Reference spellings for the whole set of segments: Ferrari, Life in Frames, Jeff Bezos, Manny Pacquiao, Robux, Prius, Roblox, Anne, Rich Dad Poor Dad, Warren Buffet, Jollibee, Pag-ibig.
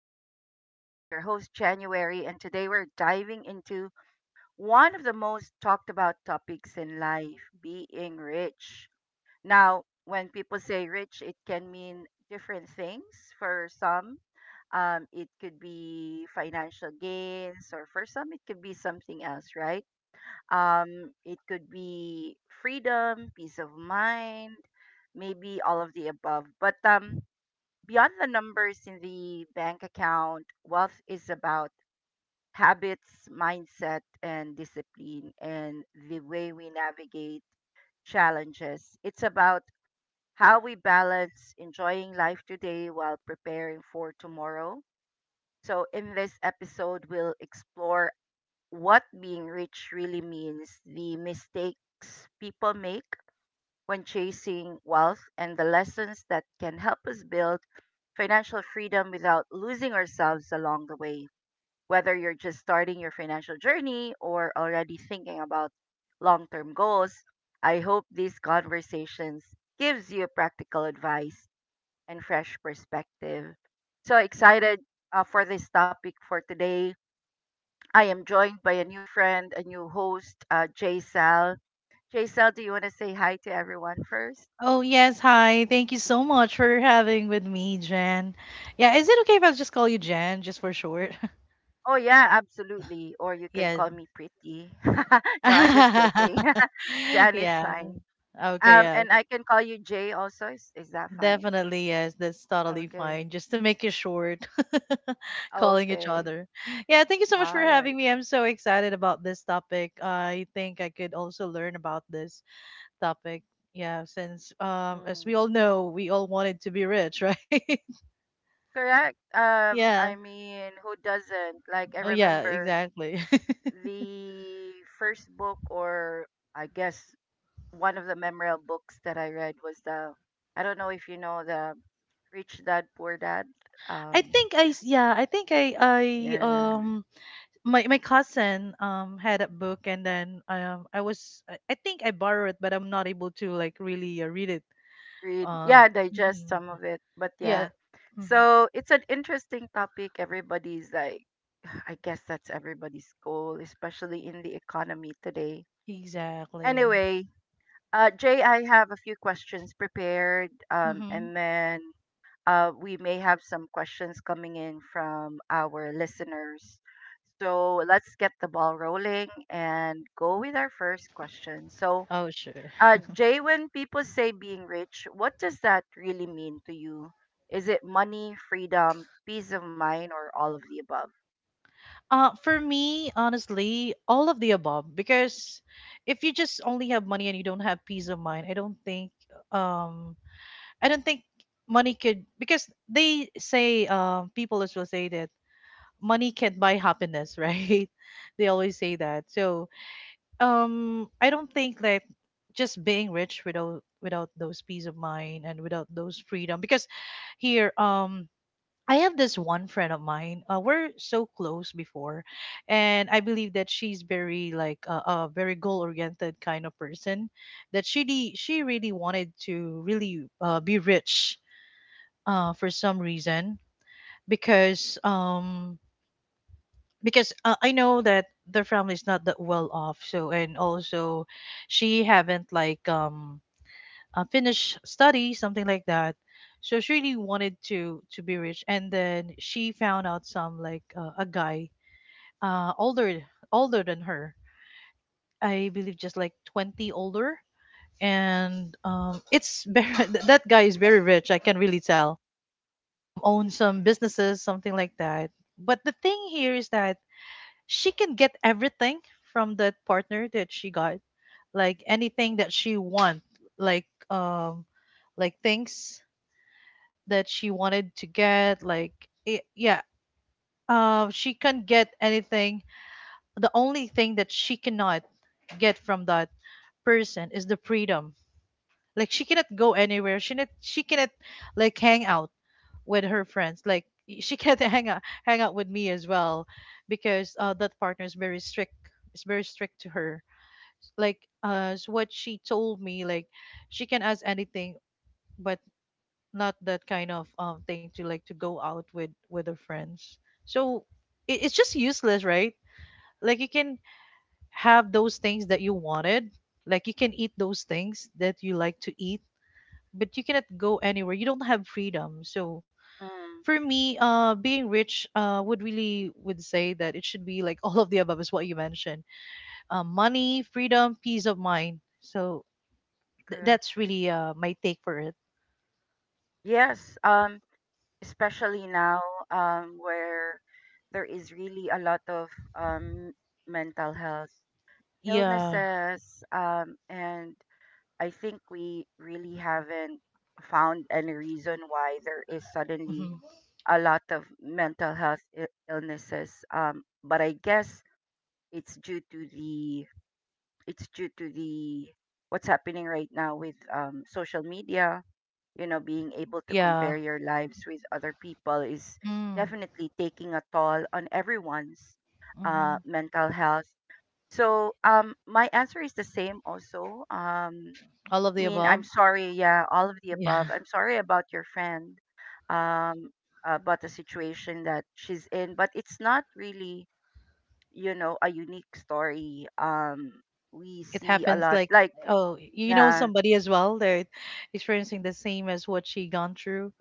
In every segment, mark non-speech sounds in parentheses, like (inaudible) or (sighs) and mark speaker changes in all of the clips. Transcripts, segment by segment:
Speaker 1: in Frames. I'm your host, January, and today we're diving into one of the most talked about topics in life, being rich. Now, when people say rich, it can mean different things. For some, it could be financial gains, or for some, it could be something else, right? It could be freedom, peace of mind, maybe all of the above. But beyond the numbers in the bank account, wealth is about habits, mindset, and discipline, and the way we navigate challenges. It's about how we balance enjoying life today while preparing for tomorrow. So, in this episode, we'll explore what being rich really means, the mistakes people make when chasing wealth, and the lessons that can help us build financial freedom without losing ourselves along the way. Whether you're just starting your financial journey or already thinking about long term goals, I hope these conversations gives you practical advice and fresh perspective. So excited for this topic for today. I am joined by a new friend, a new host, Jay Sal. Jay Sal, do you want to say hi to everyone first?
Speaker 2: Oh, yes. Hi. Thank you so much for having with me, Jen. Yeah, is it okay if I just call you Jen just for short? (laughs)
Speaker 1: Oh yeah, absolutely. Or you can
Speaker 2: Yes.
Speaker 1: call me pretty. (laughs) No, I'm just joking.
Speaker 2: (laughs)
Speaker 1: (laughs) Jan is
Speaker 2: Yeah.
Speaker 1: fine.
Speaker 2: Okay, yeah.
Speaker 1: And I can call you Jay also. Is that fine?
Speaker 2: Definitely, yes. That's totally
Speaker 1: Okay.
Speaker 2: fine. Just to make it short, (laughs) calling each
Speaker 1: Okay.
Speaker 2: other. Yeah, thank you so much for
Speaker 1: All right.
Speaker 2: having me. I'm so excited about this topic. I think I could also learn about this topic. Yeah, since as we all
Speaker 1: Mm.
Speaker 2: know, we all wanted to be rich, (laughs) right?
Speaker 1: Correct.
Speaker 2: Yeah.
Speaker 1: I mean, who doesn't? Like, I
Speaker 2: Oh yeah,
Speaker 1: remember
Speaker 2: exactly.
Speaker 1: the first book, or I guess one of the memorable books that I read was the, I don't know if you know the Rich Dad Poor Dad.
Speaker 2: I
Speaker 1: Um,
Speaker 2: think I s- yeah, I think I
Speaker 1: yeah.
Speaker 2: um my cousin had a book, and then I was I think I borrowed it, but I'm not able to like really read it.
Speaker 1: Read, yeah, digest
Speaker 2: Mhm.
Speaker 1: some of it, but yeah,
Speaker 2: Yeah. Hmm.
Speaker 1: so it's an interesting topic. Everybody's like, (sighs) I guess that's everybody's goal, especially in the economy today.
Speaker 2: Exactly.
Speaker 1: Anyway, uh, Jay, I have a few questions prepared,
Speaker 2: Mm-hmm.
Speaker 1: and then we may have some questions coming in from our listeners, so let's get the ball rolling and go with our first question. So,
Speaker 2: Oh sure.
Speaker 1: Jay, when people say being rich, what does that really mean to you? Is it money, freedom, peace of mind, or all of the above?
Speaker 2: For me, honestly, all of the above, because if you just only have money and you don't have peace of mind, I don't think um I don't think money could, because they say people as well say that money can't buy happiness, (laughs) right? They always say that. So, I don't think that just being rich without those peace of mind and without those freedom, because here, I have this one friend of mine. We're so close before, and I believe that she's very like a very goal oriented kind of person. That she really wanted to really be rich, for some reason, because I know that their family is not that well off. So and also, she haven't like finished study, something like that. So she really wanted to be rich, and then she found out some like a guy uh older older than her. I believe just like 20 years older, and it's very (laughs) that guy is very rich. I can really tell. Own some businesses, something like that. But the thing here is that she can get everything from that partner that she got, like anything that she want, like um like things that she wanted to get, like yeah, she can get anything. The only thing that she cannot get from that person is the freedom. Like she cannot go anywhere. She cannot like hang out with her friends. Like she cannot (laughs) hang out with me as well, because that partner is very strict, is very strict to her. Like what she told me, like she can ask anything, but not that kind of thing to like to go out with her friends. So it's just useless, right? Like you can have those things that you wanted. Like you can eat those things that you like to eat, but you cannot go anywhere, you don't have freedom. So
Speaker 1: Mm,
Speaker 2: for me, being rich, would say that it should be like (laughs) all of the above, is what you mentioned. Money, freedom, peace of mind. So
Speaker 1: correct.
Speaker 2: that's really my take for it.
Speaker 1: Yes, especially now, where there is really a lot of um, mental health
Speaker 2: Yeah.
Speaker 1: illnesses, and I think we really haven't found any reason why there is suddenly
Speaker 2: Hmm.
Speaker 1: a lot of mental health illnesses. But I guess It's due to the it's due to the what's happening right now with social media. You know, being able to
Speaker 2: Yeah.
Speaker 1: compare your lives with other people is
Speaker 2: Mm.
Speaker 1: definitely taking a toll on everyone's
Speaker 2: Hmm.
Speaker 1: mental health. So my answer is the same also.
Speaker 2: All of
Speaker 1: I
Speaker 2: the
Speaker 1: mean,
Speaker 2: above.
Speaker 1: I'm sorry. Yeah, all of the above.
Speaker 2: Yeah. (laughs)
Speaker 1: I'm sorry about your friend. Um, about the situation that she's in, but it's not really, a unique story. Um, we
Speaker 2: It
Speaker 1: see a
Speaker 2: happens
Speaker 1: lot.
Speaker 2: like,
Speaker 1: Like,
Speaker 2: oh, you know
Speaker 1: yeah,
Speaker 2: somebody as well. They're experiencing the same as what she gone through.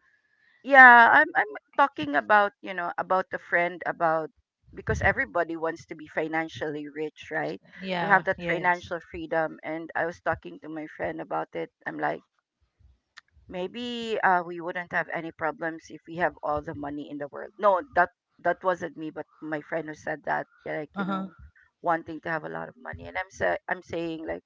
Speaker 1: yeah, I'm talking about, about a friend about, because everybody wants to be financially rich, right, to
Speaker 2: Yeah.
Speaker 1: have that
Speaker 2: Yeah. It's,
Speaker 1: financial freedom. And I was talking to my friend about it. I'm like, maybe we wouldn't have any problems if we have all the money in the world. No, that that wasn't me, but my friend who said that, like, you
Speaker 2: uh-huh.
Speaker 1: know, wanting to have a lot of money. And I'm saying like,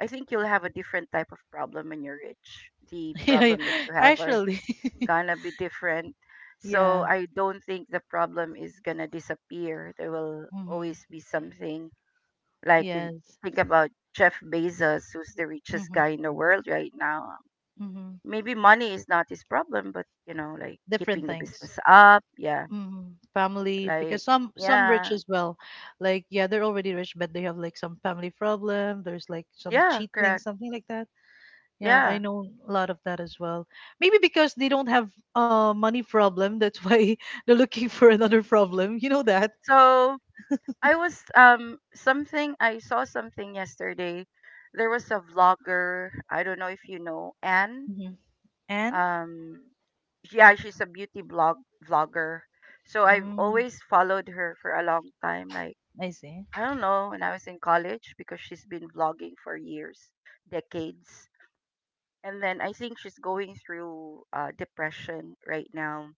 Speaker 1: I think you'll have a different type of problem when you're rich. The
Speaker 2: (laughs) Yeah, yeah.
Speaker 1: problem that you have are
Speaker 2: Actually. (laughs)
Speaker 1: gonna be different.
Speaker 2: Yeah.
Speaker 1: So I don't think the problem is gonna disappear. There will
Speaker 2: Hmm.
Speaker 1: always be something. Like, you
Speaker 2: Yes.
Speaker 1: think about Jeff Bezos, who's the richest
Speaker 2: Hmm.
Speaker 1: guy in the world right now.
Speaker 2: Hmm.
Speaker 1: Maybe money is not his problem, but you know, like
Speaker 2: Different
Speaker 1: keeping the
Speaker 2: things.
Speaker 1: business up. Yeah.
Speaker 2: Mm. Family,
Speaker 1: Like,
Speaker 2: because some rich
Speaker 1: yeah.
Speaker 2: as well. Like yeah, they're already rich, but they have like some family problem. There's like some
Speaker 1: Yeah,
Speaker 2: cheating,
Speaker 1: correct.
Speaker 2: something like that. Yeah, I
Speaker 1: Yeah.
Speaker 2: know a lot of that as well. Maybe because they don't have money problem, that's why (laughs) they're looking for another problem. You know that.
Speaker 1: So, I was something, I saw something yesterday. There was a vlogger. I don't know if you know Anne.
Speaker 2: Hmm. And
Speaker 1: Um, yeah, she's a beauty blog vlogger. So I've
Speaker 2: mm,
Speaker 1: always followed her for a long time. Like,
Speaker 2: I see.
Speaker 1: I don't know, when I was in college, because she's been vlogging for years, decades. And then I think she's going through depression right now,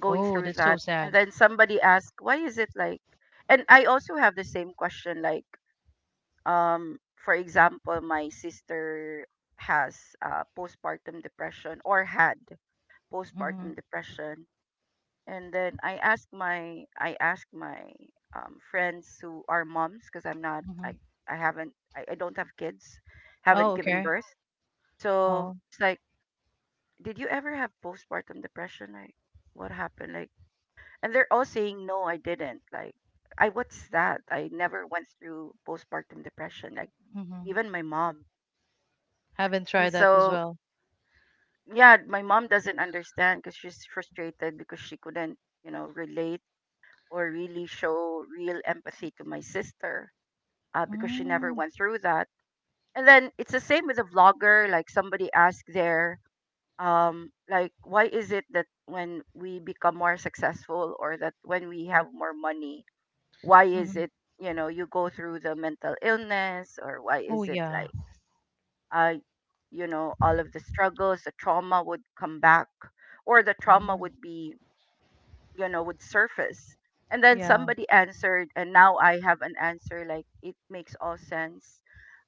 Speaker 1: going
Speaker 2: Oh,
Speaker 1: through
Speaker 2: that's so
Speaker 1: that.
Speaker 2: sad.
Speaker 1: And then somebody asked, "Why is it like?" And I also have the same question, like, um, for example, my sister has postpartum depression, or had
Speaker 2: Mm-hmm.
Speaker 1: postpartum depression. And then I asked my friends who are moms, because I'm not
Speaker 2: Mm-hmm.
Speaker 1: I I haven't, I don't have kids,
Speaker 2: Oh,
Speaker 1: haven't given
Speaker 2: okay.
Speaker 1: birth. So
Speaker 2: Oh,
Speaker 1: it's like, did you ever have postpartum depression? Like, what happened? Like, and they're all saying, no, I didn't. Like, I what's that I never went through postpartum depression, like,
Speaker 2: mm-hmm.
Speaker 1: even my mom.
Speaker 2: Haven't tried
Speaker 1: And
Speaker 2: that as
Speaker 1: so,
Speaker 2: well.
Speaker 1: yeah, my mom doesn't understand, because she's frustrated because she couldn't, you know, relate or really show real empathy to my sister, because she never
Speaker 2: Mm-hmm.
Speaker 1: went through that. And then it's the same with a vlogger. Like, somebody asked there, like, why is it that when we become more successful, or that when we have more money, why is
Speaker 2: Mm-hmm.
Speaker 1: it, you know, you go through the mental illness, or why
Speaker 2: Oh
Speaker 1: is it
Speaker 2: yeah.
Speaker 1: like, uh, you know, all of the struggles, the trauma would come back, or the trauma
Speaker 2: Mm,
Speaker 1: would be, you know, would surface. And then
Speaker 2: yeah.
Speaker 1: somebody answered, and now I have an answer, like, it makes all sense.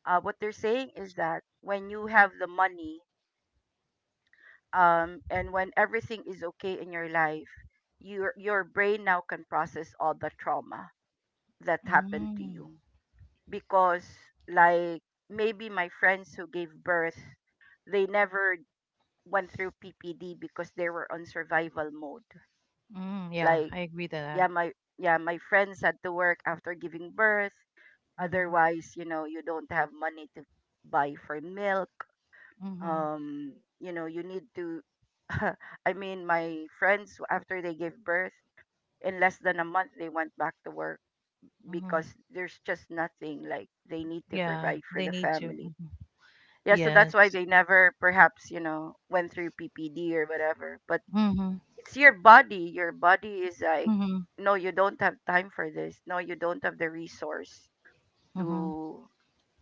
Speaker 1: Uh, what they're saying is that when you have the money, and when everything is okay in your life, your brain now can process all the trauma that happened to
Speaker 2: Mm,
Speaker 1: you, because, like, maybe my friends who gave birth, they never went through PPD because they were on survival mode.
Speaker 2: mm, yeah,
Speaker 1: Like,
Speaker 2: I agree to that.
Speaker 1: yeah, my friends had to work after giving birth.
Speaker 2: Mm-hmm,
Speaker 1: Otherwise, you know, you don't have money to buy for milk.
Speaker 2: mm-hmm,
Speaker 1: Um, you know, you need to, (laughs) I mean, my friends, after they gave birth, in less than a month they went back to work because
Speaker 2: mm-hmm.
Speaker 1: there's just nothing, like, they need to
Speaker 2: Yeah,
Speaker 1: provide for
Speaker 2: they
Speaker 1: the
Speaker 2: need to.
Speaker 1: family.
Speaker 2: Hmm.
Speaker 1: Yeah, so
Speaker 2: Yes.
Speaker 1: that's why they never, perhaps, you know, went through PPD or whatever. But
Speaker 2: Mm-hmm,
Speaker 1: it's your body. Your body is like,
Speaker 2: mm-hmm,
Speaker 1: no, you don't have time for this. No, you don't have the resource
Speaker 2: mm-hmm.
Speaker 1: to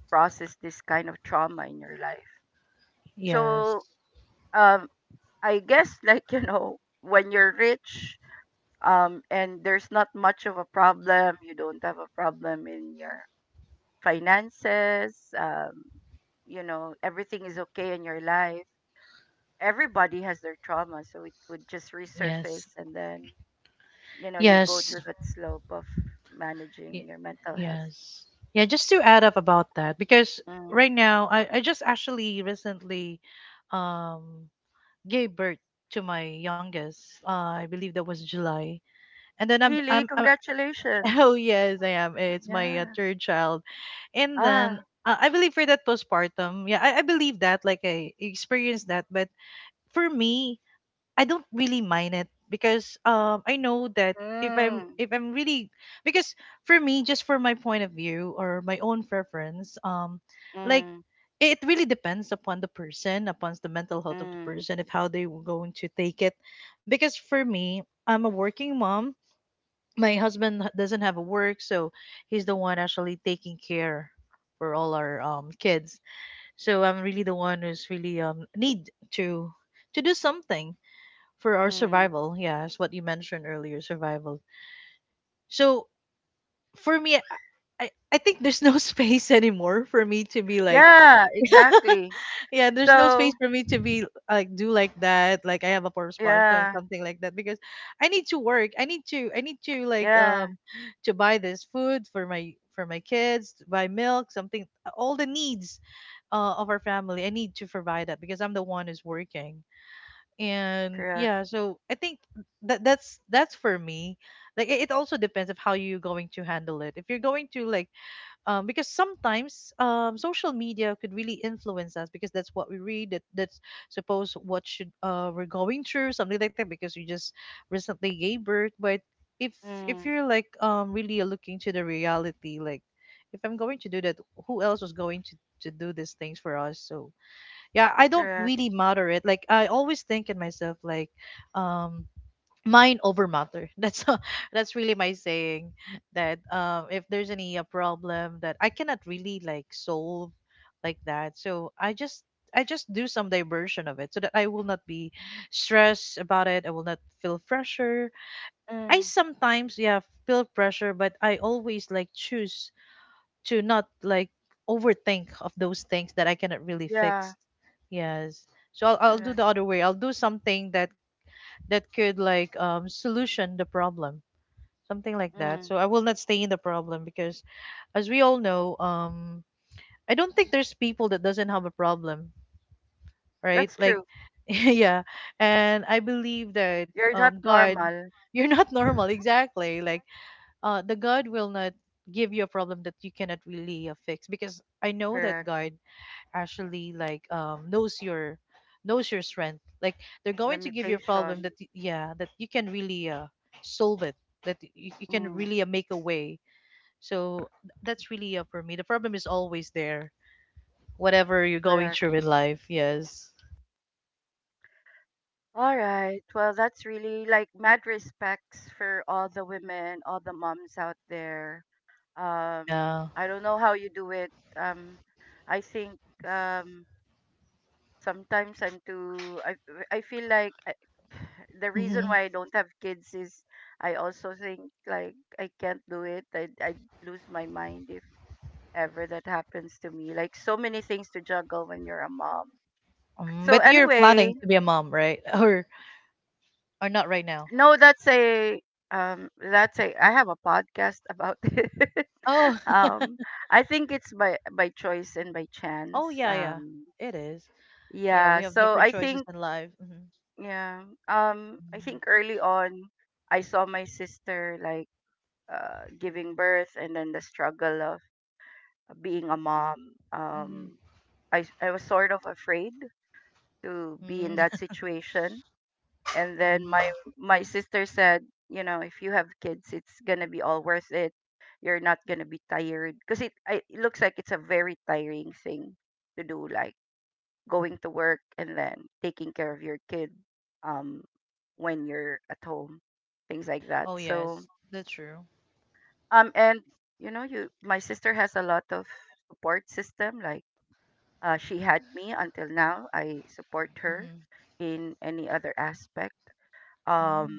Speaker 1: process this kind of trauma in your life.
Speaker 2: Yes,
Speaker 1: So, um, I guess, like, (laughs) you know, when you're rich, and there's not much of a problem, you don't have a problem in your finances. You know, everything is okay in your life. Everybody has their trauma, so it would just
Speaker 2: yes,
Speaker 1: resurface, and then, you know, you go
Speaker 2: yes,
Speaker 1: to that slope of managing
Speaker 2: y-
Speaker 1: your mental health.
Speaker 2: yes. Yeah, just to add up about that, because
Speaker 1: Mm.
Speaker 2: right now I just actually recently um gave birth to my youngest. I believe that was July. And then
Speaker 1: Really,
Speaker 2: I'm (laughs) oh
Speaker 1: congratulations.
Speaker 2: yes, I am. It's my
Speaker 1: Yeah.
Speaker 2: third child. And then
Speaker 1: Ah.
Speaker 2: I believe for that postpartum, yeah, I believe that. Like I experienced that, but for me, I don't really mind it, because I know that
Speaker 1: Mm.
Speaker 2: if I'm really, because for me, just for my point of view or my own preference, like
Speaker 1: Mm.
Speaker 2: it really depends upon the person, upon the mental health of the
Speaker 1: Mm.
Speaker 2: person, if how they were going to take it. Because for me, I'm a working mom. My husband doesn't have a work, so he's the one actually taking care for all our kids. So I'm really the one who's really need to do something for our
Speaker 1: Mm.
Speaker 2: survival. Yeah, it's what you mentioned earlier, survival. So for me, I think there's no (laughs) space anymore for me to be like,
Speaker 1: Yeah, exactly.
Speaker 2: yeah, there's no space
Speaker 1: So,
Speaker 2: for me to be like do like that. Like I have a form sponsor or
Speaker 1: yeah,
Speaker 2: something like that, because I need to work. I need to like
Speaker 1: yeah,
Speaker 2: to buy this food for my kids, to buy milk, something, all the needs of our family. I need to provide that because I'm the one who's working. And
Speaker 1: correct.
Speaker 2: yeah, so I think that's for me. Like it also depends of how you're going to handle it. If you're going to like because sometimes social media could really influence us, because that's what we read, that's suppose what should we're going through something like that, because you just recently gave birth, but if if
Speaker 1: Mm.
Speaker 2: you're like really looking to the reality, like if I'm going to do that, who else was going to do these things for us? So yeah, I don't
Speaker 1: Correct.
Speaker 2: really matter it. Like I always think in myself like, um mind over matter, (laughs) that's really my saying, that if there's any a problem that I cannot really like solve like that, so I just I just do some diversion of it, so that I will not be stressed about it, I will not feel pressure. I
Speaker 1: Mm.
Speaker 2: sometimes yeah feel pressure, but I always like choose to not like overthink of those things that I cannot really
Speaker 1: Yeah,
Speaker 2: fix. Yes. I'll do the
Speaker 1: correct.
Speaker 2: other way, I'll do something that that could like solution the problem, something like that,
Speaker 1: Mm.
Speaker 2: so I will not stay in the problem, because as we all know, I don't think there's people that doesn't have a problem, right?
Speaker 1: That's
Speaker 2: Like
Speaker 1: true.
Speaker 2: (laughs) yeah. And I believe that
Speaker 1: You're not
Speaker 2: god,
Speaker 1: normal.
Speaker 2: (laughs) you're not normal, exactly. Like the god will not give you a problem that you cannot really fix, because I know that
Speaker 1: Correct.
Speaker 2: god actually like knows your strength. Like they're going to give you a problem that
Speaker 1: Limitation.
Speaker 2: yeah, that you can really solve it, that you can
Speaker 1: Mm.
Speaker 2: really make a way. So that's really for me, the problem is always there, whatever you're going
Speaker 1: Correct.
Speaker 2: through in life. Yes.
Speaker 1: All right. Well, that's really like mad respects for all the women, all the moms out there.
Speaker 2: Yeah.
Speaker 1: I don't know how you do it. I think, sometimes I'm too. I feel like I, (sighs) the reason
Speaker 2: Hmm.
Speaker 1: why I don't have kids is, I also think like I can't do it. I lose my mind if ever that happens to me. Like, so many things to juggle when you're a mom. So
Speaker 2: But you're
Speaker 1: anyway,
Speaker 2: planning to be a mom right? (laughs) Or not right now.
Speaker 1: no, that's a, um, that's a, I have a podcast about (laughs) it.
Speaker 2: Oh.
Speaker 1: Um, I think it's by choice and by
Speaker 2: (laughs)
Speaker 1: chance.
Speaker 2: Oh yeah, yeah,
Speaker 1: Um,
Speaker 2: it is. Yeah,
Speaker 1: yeah,
Speaker 2: we have
Speaker 1: so
Speaker 2: different
Speaker 1: I
Speaker 2: choices
Speaker 1: think,
Speaker 2: in life. Hmm.
Speaker 1: yeah. Um, I think early on, I saw my sister like giving birth, and then the struggle of being a mom. Um, I was sort of afraid to be in that
Speaker 2: Mm-hmm.
Speaker 1: situation. And then my
Speaker 2: Mm-hmm. (laughs)
Speaker 1: my sister said, you know, if you have kids, it's gonna be all worth it. You're not gonna be tired, because it, it looks like it's a very tiring thing to do, like going to work, and then taking care of your kid, um, when you're at home, things like that.
Speaker 2: Oh
Speaker 1: So,
Speaker 2: yes, that's true.
Speaker 1: um, and you know, you, my sister has a lot of support system. Like, she had me, until now I support her
Speaker 2: Hmm.
Speaker 1: in any other aspect. Um,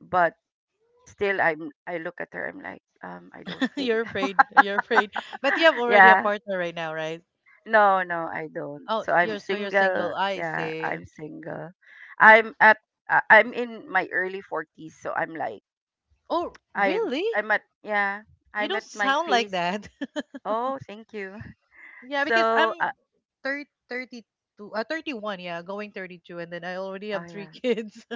Speaker 1: but still, I look at her, I'm like, um, I don't
Speaker 2: (laughs)
Speaker 1: think,
Speaker 2: You're afraid. You're afraid. But you have
Speaker 1: (laughs)
Speaker 2: already a
Speaker 1: yeah,
Speaker 2: partner right now, right?
Speaker 1: no, I don't.
Speaker 2: Oh,
Speaker 1: So I'm
Speaker 2: you're so you're
Speaker 1: single.
Speaker 2: single. I
Speaker 1: Yeah,
Speaker 2: see.
Speaker 1: I'm single. I'm at, I'm in my early 40s, so I'm like,
Speaker 2: Oh,
Speaker 1: I'm
Speaker 2: really?
Speaker 1: I'm at, yeah,
Speaker 2: You
Speaker 1: I'm
Speaker 2: don't
Speaker 1: at my
Speaker 2: sound like
Speaker 1: phase.
Speaker 2: that. (laughs)
Speaker 1: Oh, thank you.
Speaker 2: Yeah,
Speaker 1: (laughs)
Speaker 2: because I'm
Speaker 1: So,
Speaker 2: 32. 32, 31, yeah, going 32, and then I already
Speaker 1: oh
Speaker 2: have three
Speaker 1: yeah,
Speaker 2: kids.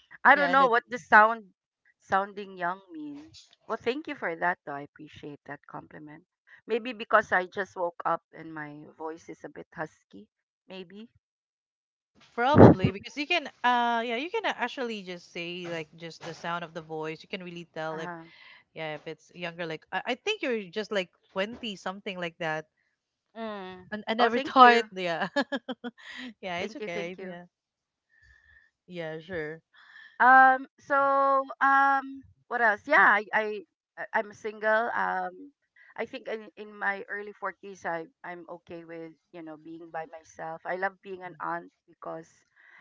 Speaker 2: (laughs)
Speaker 1: I
Speaker 2: yeah,
Speaker 1: don't
Speaker 2: and
Speaker 1: know
Speaker 2: it
Speaker 1: what the sounding young mean. Well, thank you for that, though. I appreciate that compliment. Maybe because I just woke up and my voice is a bit husky, maybe.
Speaker 2: probably because
Speaker 1: (laughs)
Speaker 2: you can, yeah, you can actually just say like just the sound of the voice. You can really tell if,
Speaker 1: Uh-huh.
Speaker 2: yeah, if it's younger. Like I think you're just like 20 something like that.
Speaker 1: Mm.
Speaker 2: I
Speaker 1: Oh,
Speaker 2: never
Speaker 1: thank
Speaker 2: thought.
Speaker 1: you.
Speaker 2: Yeah. (laughs) yeah, it's
Speaker 1: Thank you.
Speaker 2: okay.
Speaker 1: Thank you.
Speaker 2: Yeah. Yeah, sure.
Speaker 1: So, what else? Yeah, I'm single. I think in my early 40s, I'm okay with, you know, being by myself. I love being an aunt because,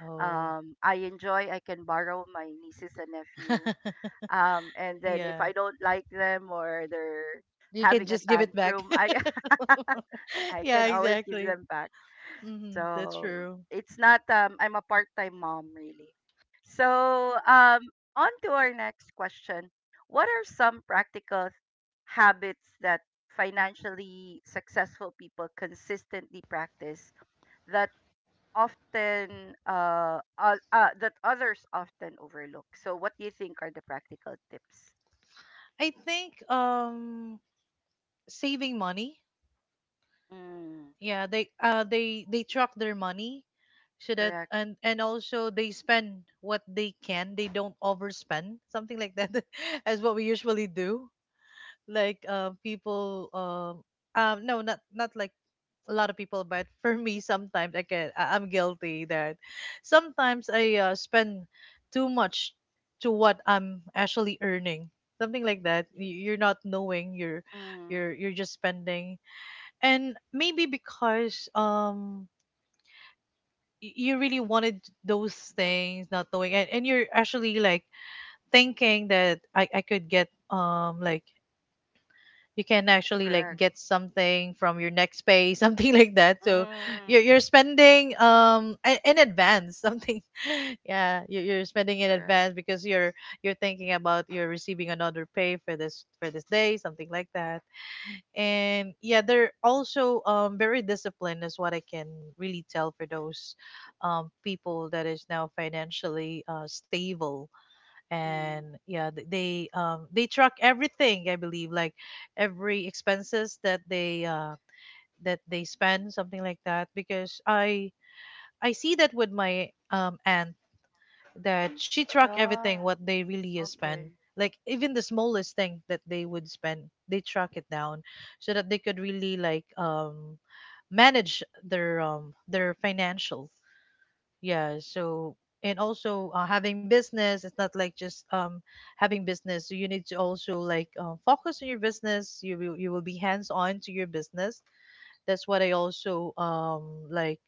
Speaker 2: Oh.
Speaker 1: I enjoy, I can borrow my nieces and nephew.
Speaker 2: (laughs)
Speaker 1: And then if
Speaker 2: yeah.
Speaker 1: I don't like them or they're
Speaker 2: You can
Speaker 1: having a
Speaker 2: just give it back.
Speaker 1: tantrum,
Speaker 2: (laughs)
Speaker 1: (laughs) I
Speaker 2: yeah,
Speaker 1: can always give
Speaker 2: exactly.
Speaker 1: them back.
Speaker 2: Hmm. That's
Speaker 1: So
Speaker 2: true.
Speaker 1: it's not, I'm a part-time mom, really. So, on to our next question. What are some practical habits that financially successful people consistently practice that often, that others often overlook? So what do you think are the practical tips?
Speaker 2: I think saving money.
Speaker 1: Mm.
Speaker 2: Yeah, they they they track their money, so that.
Speaker 1: Correct.
Speaker 2: And also they spend what they can. They don't overspend. Something like that, (laughs) as what we usually do. Like people no, not like a lot of people, but (laughs) for me sometimes I can I'm guilty that sometimes I spend too much to what I'm actually earning, something like that. You're not knowing, you're
Speaker 1: Mm.
Speaker 2: you're you're just spending, and maybe because you really wanted those things, not knowing, and you're actually like thinking that I could get like you can actually like
Speaker 1: Correct.
Speaker 2: get something from your next pay (laughs) something like that. So
Speaker 1: Mm.
Speaker 2: you're spending in advance, something (laughs) yeah, you're spending in
Speaker 1: Correct.
Speaker 2: advance because you're thinking about you're receiving another pay for this day, something like that. And yeah, they're also very disciplined is what I can really tell for those people that is now financially stable. And
Speaker 1: Mm.
Speaker 2: yeah, they track everything, I believe, like every expenses that they spend, something like that. Because I see that with my aunt, that she track everything
Speaker 1: Ah,
Speaker 2: what they really spend,
Speaker 1: okay.
Speaker 2: like even the smallest thing that they would spend, they track it down so that they could really like manage their financials. Yeah, so. And also having business, it's not like just having business, so you need to also like focus on your business. You will be hands on to your business. That's what I also like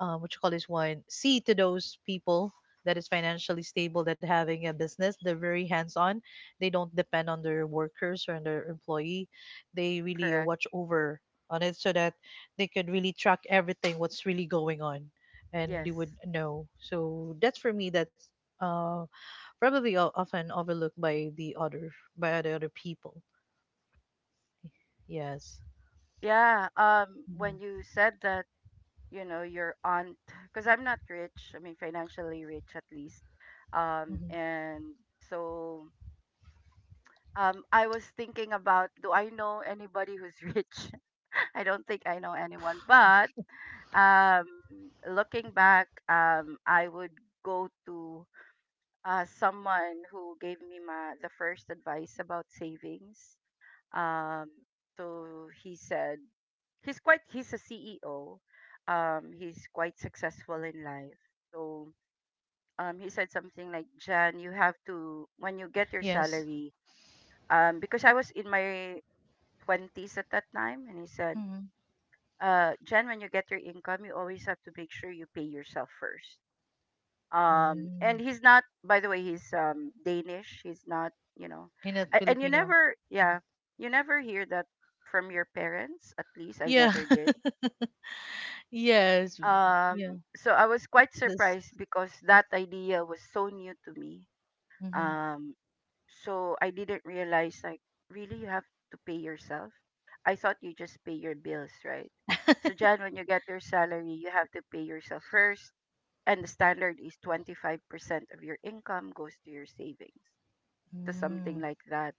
Speaker 2: what you call this one, see to those people that is financially stable that having a business. They're very hands-on. They don't depend on their workers or on their employee. They really
Speaker 1: Correct.
Speaker 2: watch over on it so that they could really track everything what's really going on, and they would
Speaker 1: Yes.
Speaker 2: know. So that's for me. That's uh, probably often overlooked by the other people. Yes.
Speaker 1: Yeah. When
Speaker 2: hmm
Speaker 1: you said that, your aunt, because I'm not rich, I mean, financially rich at least.
Speaker 2: hmm
Speaker 1: And so, I was thinking about, do I know anybody who's rich? (laughs) I don't think I know anyone, but, um, looking back, I would go to, someone who gave me my the first advice about savings. Um, so he said, he's a CEO. He's quite successful in life. So, he said something like, "Jan, you have to when you get your
Speaker 2: Yes.
Speaker 1: salary." Because I was in my 20s at that time, and he said,
Speaker 2: Mm-hmm.
Speaker 1: "Jan, when you get your income, you always have to make sure you pay yourself first." And
Speaker 2: Mm.
Speaker 1: he's not, by the way, he's, Danish. He's not, you know,
Speaker 2: Hinat
Speaker 1: and you
Speaker 2: Filipino.
Speaker 1: never, yeah, you never hear that from your parents. At least I
Speaker 2: Yeah.
Speaker 1: never
Speaker 2: (laughs)
Speaker 1: did.
Speaker 2: Yes.
Speaker 1: um
Speaker 2: Yeah.
Speaker 1: so I was quite
Speaker 2: This.
Speaker 1: surprised because that idea was so new to me.
Speaker 2: Mm-hmm.
Speaker 1: um so I didn't realize, like, really you have to pay yourself. I thought you just pay your bills, right? So, Jan, when you get your salary, you have to pay yourself first, and the standard is 25% of your income goes to your savings, to something
Speaker 2: Mm,
Speaker 1: like that.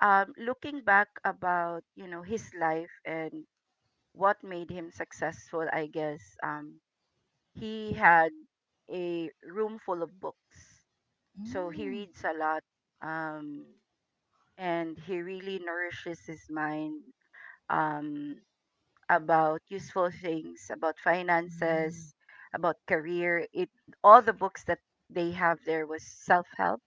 Speaker 1: Looking back about, his life and what made him successful, I guess, he had a room full of books, so he
Speaker 2: mm,
Speaker 1: reads a lot. um and he really nourishes his mind, um about useful things, about
Speaker 2: mm,
Speaker 1: finances, about career. It All the books that they have, there was self help,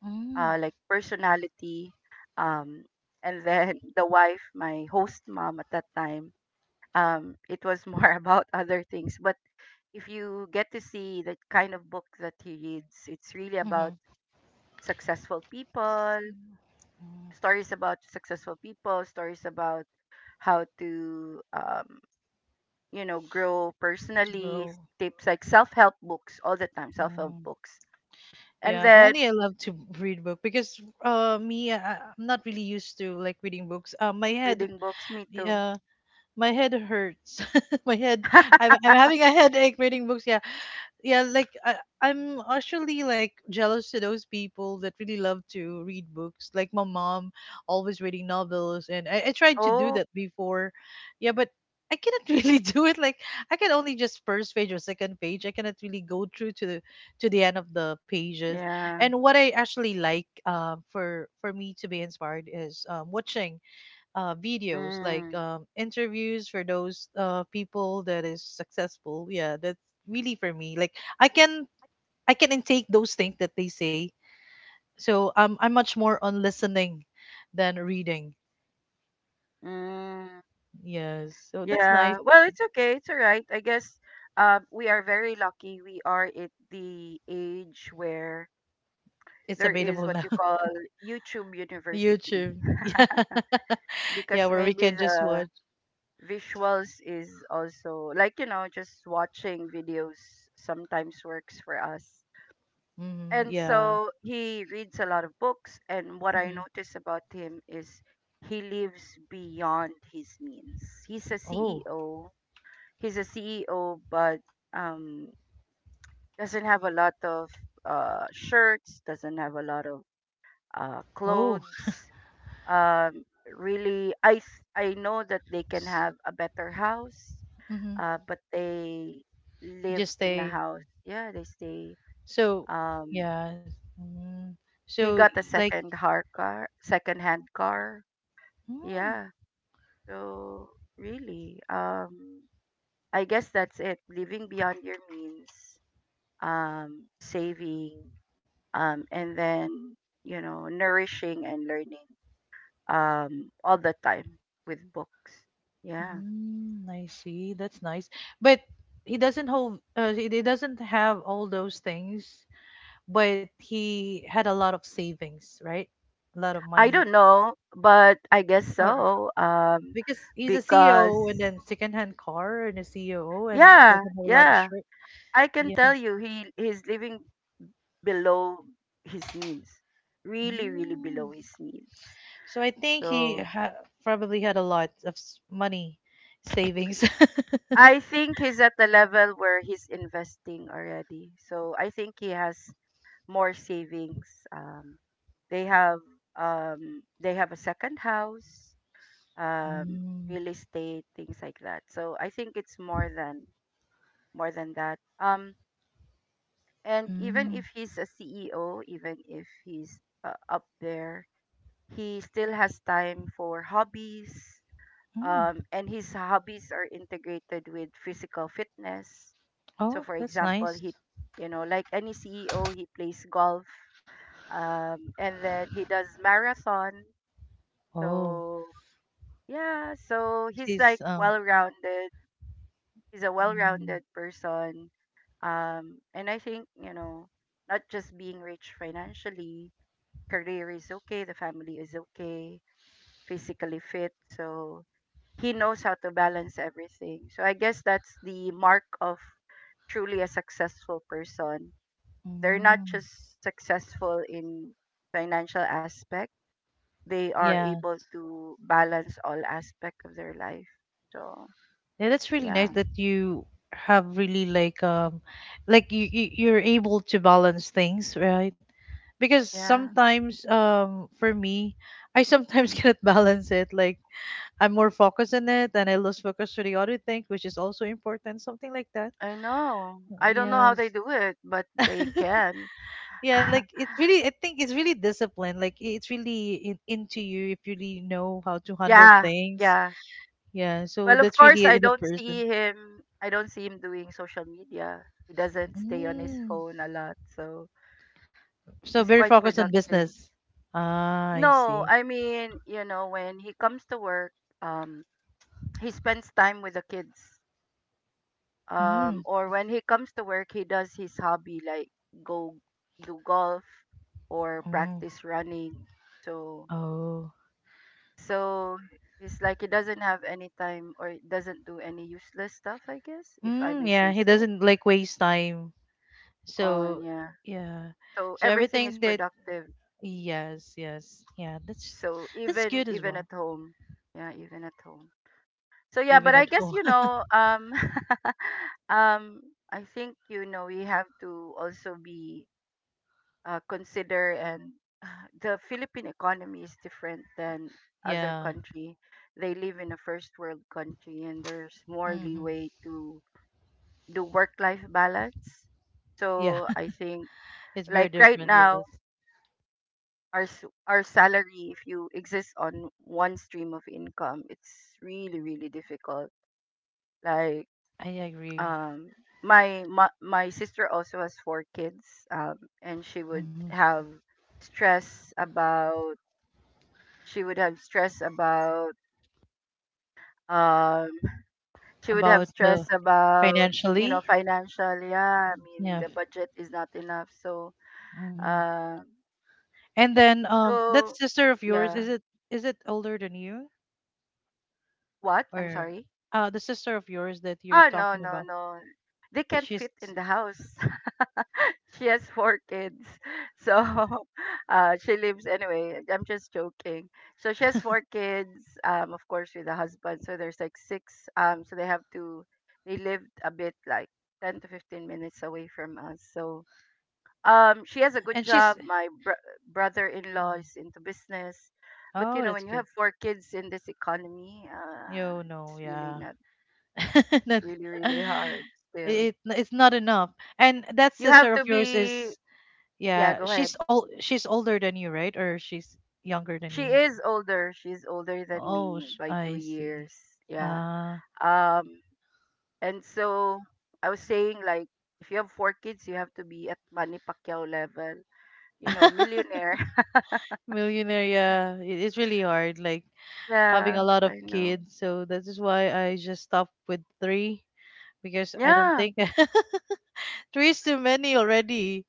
Speaker 2: mhm, mm,
Speaker 1: like personality, um, and then (laughs) the wife, my host mom at that time. It was more, (laughs) about other things, but if you get to see the kind of book that he reads, it's really about successful people,
Speaker 2: Mm-hmm.
Speaker 1: stories about successful people, stories about how to, grow personally,
Speaker 2: Grow.
Speaker 1: tips like self help books all the time, self help
Speaker 2: Mm.
Speaker 1: books. And
Speaker 2: Yeah, if
Speaker 1: then
Speaker 2: only I love to read book, because me I'm not really used to like reading books.
Speaker 1: reading books, me too.
Speaker 2: Uh my head hurts. (laughs) My head, I'm,
Speaker 1: (laughs)
Speaker 2: I'm having a headache reading books. Yeah, yeah. Like I'm actually like jealous to those people that really love to read books. Like my mom, always reading novels, and I tried to do
Speaker 1: Oh,
Speaker 2: that before. Yeah, but I cannot (laughs) really do it. Like I can only just first page or second page. I cannot really go through to the end of the pages.
Speaker 1: yeah.
Speaker 2: And what I actually like, for me to be inspired is watching videos like
Speaker 1: Mm.
Speaker 2: interviews for those people that is successful. Yeah, that's really for me like i can I can intake those things that they say, so I'm much more on listening than reading.
Speaker 1: Mm.
Speaker 2: Yes, so that's
Speaker 1: Yeah.
Speaker 2: nice.
Speaker 1: Well, it's okay. It's all right. I guess, we are very lucky. We are at the age where
Speaker 2: It's
Speaker 1: there
Speaker 2: available
Speaker 1: is what you
Speaker 2: now. (laughs)
Speaker 1: call YouTube University,
Speaker 2: YouTube. (laughs) Yeah, yeah,
Speaker 1: because
Speaker 2: where we
Speaker 1: maybe
Speaker 2: can just
Speaker 1: the
Speaker 2: watch.
Speaker 1: visuals is also, like, just watching videos sometimes works for us.
Speaker 2: Hmm,
Speaker 1: And
Speaker 2: yeah.
Speaker 1: so he reads a lot of books, and what I
Speaker 2: Hmm.
Speaker 1: notice about him is he lives beyond his means. He's a
Speaker 2: Oh.
Speaker 1: CEO. He's a CEO, but, um, doesn't have a lot of, shirts, doesn't have a lot of,
Speaker 2: Oh.
Speaker 1: clothes. Um, really, I know that they can have a better house,
Speaker 2: Mm-hmm.
Speaker 1: but they live
Speaker 2: Just
Speaker 1: in a
Speaker 2: stay.
Speaker 1: house. Yeah, they stay.
Speaker 2: So
Speaker 1: Um,
Speaker 2: yeah. Mm.
Speaker 1: He
Speaker 2: So
Speaker 1: got a
Speaker 2: like.
Speaker 1: second hard car, second-hand car.
Speaker 2: Mm.
Speaker 1: Yeah. So really, I guess that's it. Living beyond your means, saving, and then, nourishing and learning, all the time with books. Yeah.
Speaker 2: Mm, I see. That's nice. But he doesn't hold, he doesn't have all those things, but he had a lot of savings, right? A lot of
Speaker 1: I
Speaker 2: money.
Speaker 1: don't know, but I guess
Speaker 2: Or
Speaker 1: so.
Speaker 2: because he's a
Speaker 1: Because
Speaker 2: CEO, and then secondhand car and a CEO and
Speaker 1: yeah,
Speaker 2: doesn't have a lot of
Speaker 1: yeah,
Speaker 2: shirt.
Speaker 1: I can
Speaker 2: Yeah.
Speaker 1: tell you he's living below his means. Really, really
Speaker 2: Mm.
Speaker 1: below his means.
Speaker 2: So I think he
Speaker 1: So
Speaker 2: ha probably had a lot of money savings. (laughs)
Speaker 1: I think he's at the level where he's investing already. So I think he has more savings. They have, a second house, um,
Speaker 2: Mm,
Speaker 1: real estate, things like that. So I think it's more than that. And even
Speaker 2: mm,
Speaker 1: if he's a CEO, even if he's, up there, he still has time for hobbies,
Speaker 2: mm.
Speaker 1: and his hobbies are integrated with physical fitness. So,
Speaker 2: Oh,
Speaker 1: for
Speaker 2: that's
Speaker 1: example,
Speaker 2: nice.
Speaker 1: he, like any CEO, he plays golf, and then he does marathon.
Speaker 2: Oh,
Speaker 1: So, yeah, so he's like
Speaker 2: she's.
Speaker 1: well rounded. He's a well
Speaker 2: Mm.
Speaker 1: rounded person. And I think, not just being rich financially, career is okay, the family is okay, physically fit. So he knows how to balance everything. So I guess that's the mark of truly a successful person. They're not
Speaker 2: Mm,
Speaker 1: just successful in financial aspect, they are
Speaker 2: yeah.
Speaker 1: able to balance all aspect of their life. So,
Speaker 2: Yeah, that's really
Speaker 1: yeah.
Speaker 2: nice that you have really like you're able to balance things, right? Because
Speaker 1: Yeah.
Speaker 2: sometimes for me, I sometimes (laughs) cannot balance it. Like I'm more focused on it and I lose focus to the other thing, which is also important, something like that.
Speaker 1: I know. I don't know how they
Speaker 2: Yes.
Speaker 1: do it, but they
Speaker 2: (laughs)
Speaker 1: can.
Speaker 2: Yeah, like
Speaker 1: (laughs)
Speaker 2: it's really I think it's really discipline. Like it's really in, into you if you really know how to handle
Speaker 1: Yeah.
Speaker 2: things.
Speaker 1: Yeah.
Speaker 2: Yeah, so
Speaker 1: Well, of
Speaker 2: that's
Speaker 1: course,
Speaker 2: really in the person.
Speaker 1: I don't see him doing social media. He doesn't stay on his
Speaker 2: Mm.
Speaker 1: phone a lot. So,
Speaker 2: So
Speaker 1: he's
Speaker 2: very
Speaker 1: quite
Speaker 2: focused on
Speaker 1: productive.
Speaker 2: business. Ah, I
Speaker 1: No,
Speaker 2: see.
Speaker 1: I mean, when he comes to work, um, he spends time with the kids.
Speaker 2: Mm.
Speaker 1: Or when he comes to work, he does his hobby, like go do golf or
Speaker 2: Mm.
Speaker 1: practice running. So,
Speaker 2: Oh.
Speaker 1: so it's like he doesn't have any time or doesn't do any useless stuff, I guess, if I
Speaker 2: Mm,
Speaker 1: may
Speaker 2: yeah,
Speaker 1: say
Speaker 2: he
Speaker 1: so.
Speaker 2: doesn't like waste time.
Speaker 1: On,
Speaker 2: So,
Speaker 1: yeah.
Speaker 2: yeah.
Speaker 1: So
Speaker 2: So
Speaker 1: everything
Speaker 2: everything
Speaker 1: is
Speaker 2: that
Speaker 1: productive.
Speaker 2: yes, yes. Yeah,
Speaker 1: So
Speaker 2: that's
Speaker 1: even
Speaker 2: good as
Speaker 1: even
Speaker 2: well.
Speaker 1: at home, yeah, even at home. So yeah, but
Speaker 2: Even
Speaker 1: I
Speaker 2: at
Speaker 1: guess,
Speaker 2: home. (laughs)
Speaker 1: (laughs) um, I think, we have to also be, consider, and (sighs) the Philippine economy is different than other
Speaker 2: Yeah.
Speaker 1: country. They live in a first world country, and there's more
Speaker 2: Hmm.
Speaker 1: leeway to do work life balance.
Speaker 2: Yeah,
Speaker 1: So I think,
Speaker 2: (laughs) it's very
Speaker 1: like, right
Speaker 2: different. Yes.
Speaker 1: now, our salary, if you exist on one stream of income, it's really really difficult. Like,
Speaker 2: I agree.
Speaker 1: um my sister also has four kids, um and
Speaker 2: Hmm.
Speaker 1: stress about she would have stress about um she would have
Speaker 2: About
Speaker 1: stress
Speaker 2: the
Speaker 1: about,
Speaker 2: financially.
Speaker 1: financial. Yeah, I mean
Speaker 2: Yeah.
Speaker 1: the budget is not enough. So,
Speaker 2: Hmm.
Speaker 1: uh
Speaker 2: And then that
Speaker 1: so,
Speaker 2: sister of yours,
Speaker 1: yeah.
Speaker 2: is it older than you?
Speaker 1: What? I'm
Speaker 2: Or
Speaker 1: sorry.
Speaker 2: the sister of yours that you're
Speaker 1: Ah, no,
Speaker 2: talking
Speaker 1: no,
Speaker 2: about,
Speaker 1: no, they can't
Speaker 2: she's
Speaker 1: fit in the house. (laughs) She has four kids. So, (laughs) she lives, anyway. I'm just joking. So she has four kids, of course, with a husband. So there's like six. So they lived a bit like 10 to 15 minutes away from us. So, she has a good
Speaker 2: and she's.
Speaker 1: job. Brother in law
Speaker 2: Mm.
Speaker 1: is into business. But,
Speaker 2: Oh, that's
Speaker 1: when you
Speaker 2: good.
Speaker 1: have four kids in this economy,
Speaker 2: Yo
Speaker 1: it's
Speaker 2: no,
Speaker 1: really
Speaker 2: yeah.
Speaker 1: not,
Speaker 2: (laughs)
Speaker 1: it's
Speaker 2: That,
Speaker 1: really, really hard still.
Speaker 2: it it's not enough. And that
Speaker 1: You have
Speaker 2: sister of
Speaker 1: to
Speaker 2: yours
Speaker 1: be,
Speaker 2: is
Speaker 1: yeah.
Speaker 2: yeah,
Speaker 1: Go...
Speaker 2: she's old, she's older than you, right? Or she's younger than
Speaker 1: She
Speaker 2: you?
Speaker 1: is older. She's older than
Speaker 2: Oh,
Speaker 1: me by two
Speaker 2: I see.
Speaker 1: years. Yeah.
Speaker 2: Ah.
Speaker 1: Um, and so I was saying, like, if you have four kids, you have to be at Manny Pacquiao level,
Speaker 2: (laughs)
Speaker 1: millionaire.
Speaker 2: Millionaire, yeah, it's really hard, like
Speaker 1: (laughs)
Speaker 2: having
Speaker 1: Yeah,
Speaker 2: a lot of
Speaker 1: I know.
Speaker 2: kids, so that is why I just stopped with three, because I don't
Speaker 1: Yeah,
Speaker 2: think (laughs) three is too many already.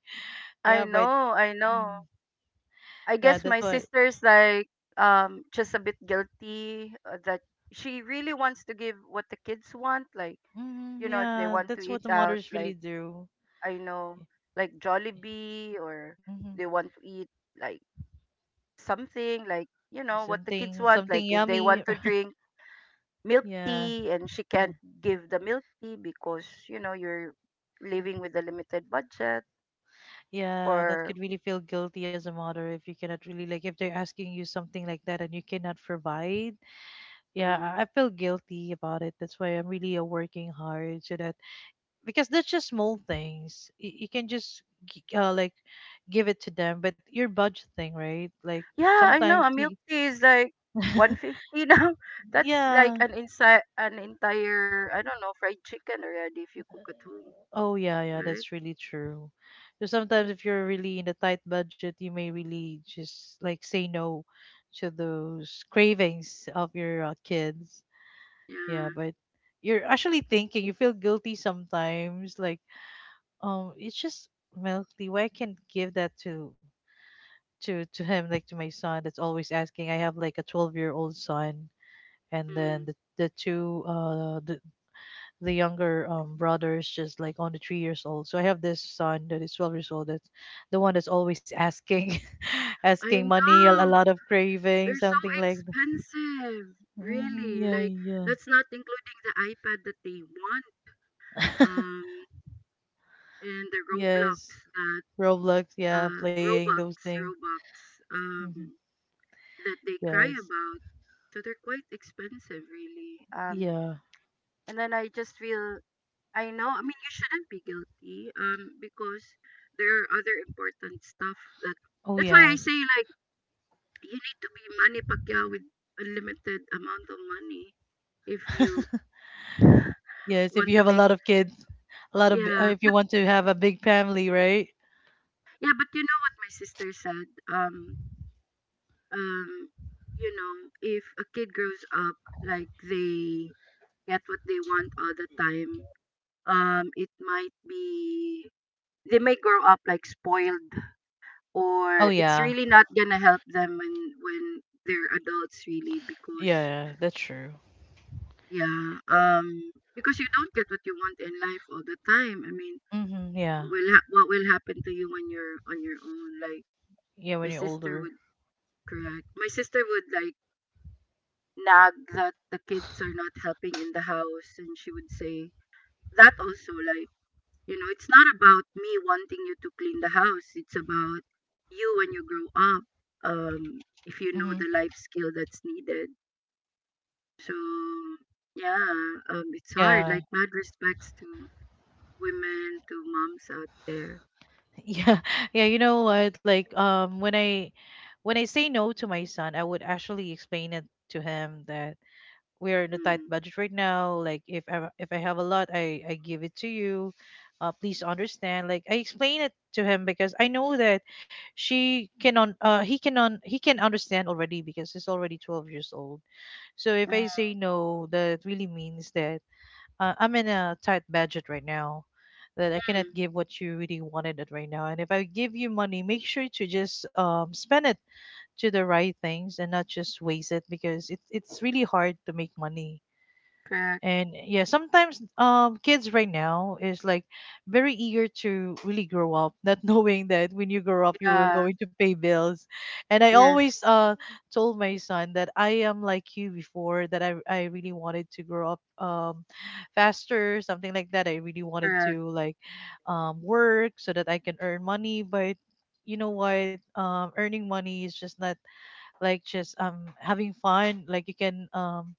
Speaker 1: I
Speaker 2: Yeah, but
Speaker 1: know, I know.
Speaker 2: mm,
Speaker 1: I
Speaker 2: yeah,
Speaker 1: guess
Speaker 2: that's
Speaker 1: my
Speaker 2: why.
Speaker 1: sister's like, just a bit guilty, that she really wants to give what the kids want, like,
Speaker 2: Mm,
Speaker 1: if they
Speaker 2: yeah,
Speaker 1: want to
Speaker 2: that's what
Speaker 1: eat
Speaker 2: the
Speaker 1: out,
Speaker 2: mothers really
Speaker 1: like,
Speaker 2: do.
Speaker 1: I know, like Jollibee, or
Speaker 2: Mm-hmm.
Speaker 1: they want to eat, like, something like, what the kids
Speaker 2: Something,
Speaker 1: want.
Speaker 2: something
Speaker 1: Like, if they
Speaker 2: yummy.
Speaker 1: want to
Speaker 2: (laughs)
Speaker 1: drink milk
Speaker 2: Yeah,
Speaker 1: tea, and she
Speaker 2: yeah,
Speaker 1: can't give the milk tea because, you're living with a limited budget.
Speaker 2: yeah. That
Speaker 1: Or,
Speaker 2: could really feel guilty as a mother if you cannot really like if they're asking you something like that and you cannot provide. Yeah,
Speaker 1: mm,
Speaker 2: I feel guilty about it. That's why I'm really working hard, so that because that's just small things. You can just like give it to them, but your budgeting, right? Like
Speaker 1: yeah, I
Speaker 2: sometimes
Speaker 1: know a milk
Speaker 2: you,
Speaker 1: tea is like one
Speaker 2: (laughs)
Speaker 1: fifty now. (laughs) That's like
Speaker 2: yeah.
Speaker 1: an entire, I don't know, fried chicken already if you cook at home,
Speaker 2: Oh yeah, yeah,
Speaker 1: right?
Speaker 2: that's really true. So sometimes if you're really in a tight budget, you may really just like say no to those cravings of your kids.
Speaker 1: Yeah.
Speaker 2: Yeah, but you're actually thinking, you feel guilty sometimes like it's just milk tea. Why can't give that to him, like to my son that's always asking. I have like a 12-year-old son, and then
Speaker 1: Mm.
Speaker 2: the two the younger brothers just like on the 3 years old. So I have this son that is 12 years old that's the one that's always asking (laughs) asking
Speaker 1: I
Speaker 2: money, a
Speaker 1: know.
Speaker 2: lot of craving,
Speaker 1: They're so
Speaker 2: something like that.
Speaker 1: expensive,
Speaker 2: Mm,
Speaker 1: really. Like,
Speaker 2: yeah.
Speaker 1: that's not including the iPad that they want,
Speaker 2: Yeah. (laughs)
Speaker 1: um, and the
Speaker 2: Yes.
Speaker 1: That
Speaker 2: Roblox, yeah,
Speaker 1: uh,
Speaker 2: playing
Speaker 1: Robux,
Speaker 2: those things.
Speaker 1: Robux,
Speaker 2: Hmm.
Speaker 1: um, that they cry
Speaker 2: Yes.
Speaker 1: about. So they're quite expensive, really.
Speaker 2: Yeah.
Speaker 1: And then, I just feel I know. I mean, you shouldn't be guilty, because there are other important stuff that.
Speaker 2: Oh
Speaker 1: That's why I
Speaker 2: yes.
Speaker 1: say, like, you need to be Manny Pacquiao with unlimited amount of money if you
Speaker 2: (laughs) Yes, if
Speaker 1: want
Speaker 2: you
Speaker 1: to
Speaker 2: have a
Speaker 1: make.
Speaker 2: lot of kids, a lot of
Speaker 1: Yeah,
Speaker 2: if you
Speaker 1: but
Speaker 2: want to have a big family, right?
Speaker 1: yeah, but you know what my sister said, um you know, if a kid grows up, like, they get what they want all the time, it might be they may grow up like spoiled,
Speaker 2: Oh
Speaker 1: or it's
Speaker 2: yeah,
Speaker 1: really not gonna help them when, when they're adults, really. Because,
Speaker 2: yeah, that's true.
Speaker 1: yeah, because you don't get what you want in life all the time. I mean,
Speaker 2: Mm-hmm, yeah,
Speaker 1: what will happen to you when you're on your own, like,
Speaker 2: yeah. When
Speaker 1: my
Speaker 2: you're
Speaker 1: sister...
Speaker 2: older,
Speaker 1: Correct. My sister would like nag that the kids are not helping in the house, and she would say that also, like, it's not about me wanting you to clean the house. It's about you when you grow up, if you know
Speaker 2: mm-hmm,
Speaker 1: the life skill that's needed. So, yeah, it's hard.
Speaker 2: yeah,
Speaker 1: Like, mad respects to women, to moms out there.
Speaker 2: (laughs) yeah, yeah. You know what? Like, when I say no to my son, I would actually explain it to him that we're in a tight
Speaker 1: Mm.
Speaker 2: budget right now. Like if if I have a lot, I give it to you. Please understand. Like I explain it to him because I know that she cannot. He cannot. He can understand already because he's already 12 years old. So if I say no, that really means that I'm in a tight budget right now. That I cannot
Speaker 1: Mm-hmm.
Speaker 2: give what you really wanted it right now. And if I give you money, make sure to just spend it to the right things and not just waste it because it's really hard to make money.
Speaker 1: Correct.
Speaker 2: And yeah, sometimes kids right now is like very eager to really grow up, not (laughs) knowing that when you grow up you are
Speaker 1: Yeah.
Speaker 2: going to pay bills. And I
Speaker 1: Yes.
Speaker 2: always told my son that I am like you before, that I really wanted to grow up faster, something like that. I really wanted
Speaker 1: Correct.
Speaker 2: to like work so that I can earn money, but you know what, earning money is just not like just having fun, like you can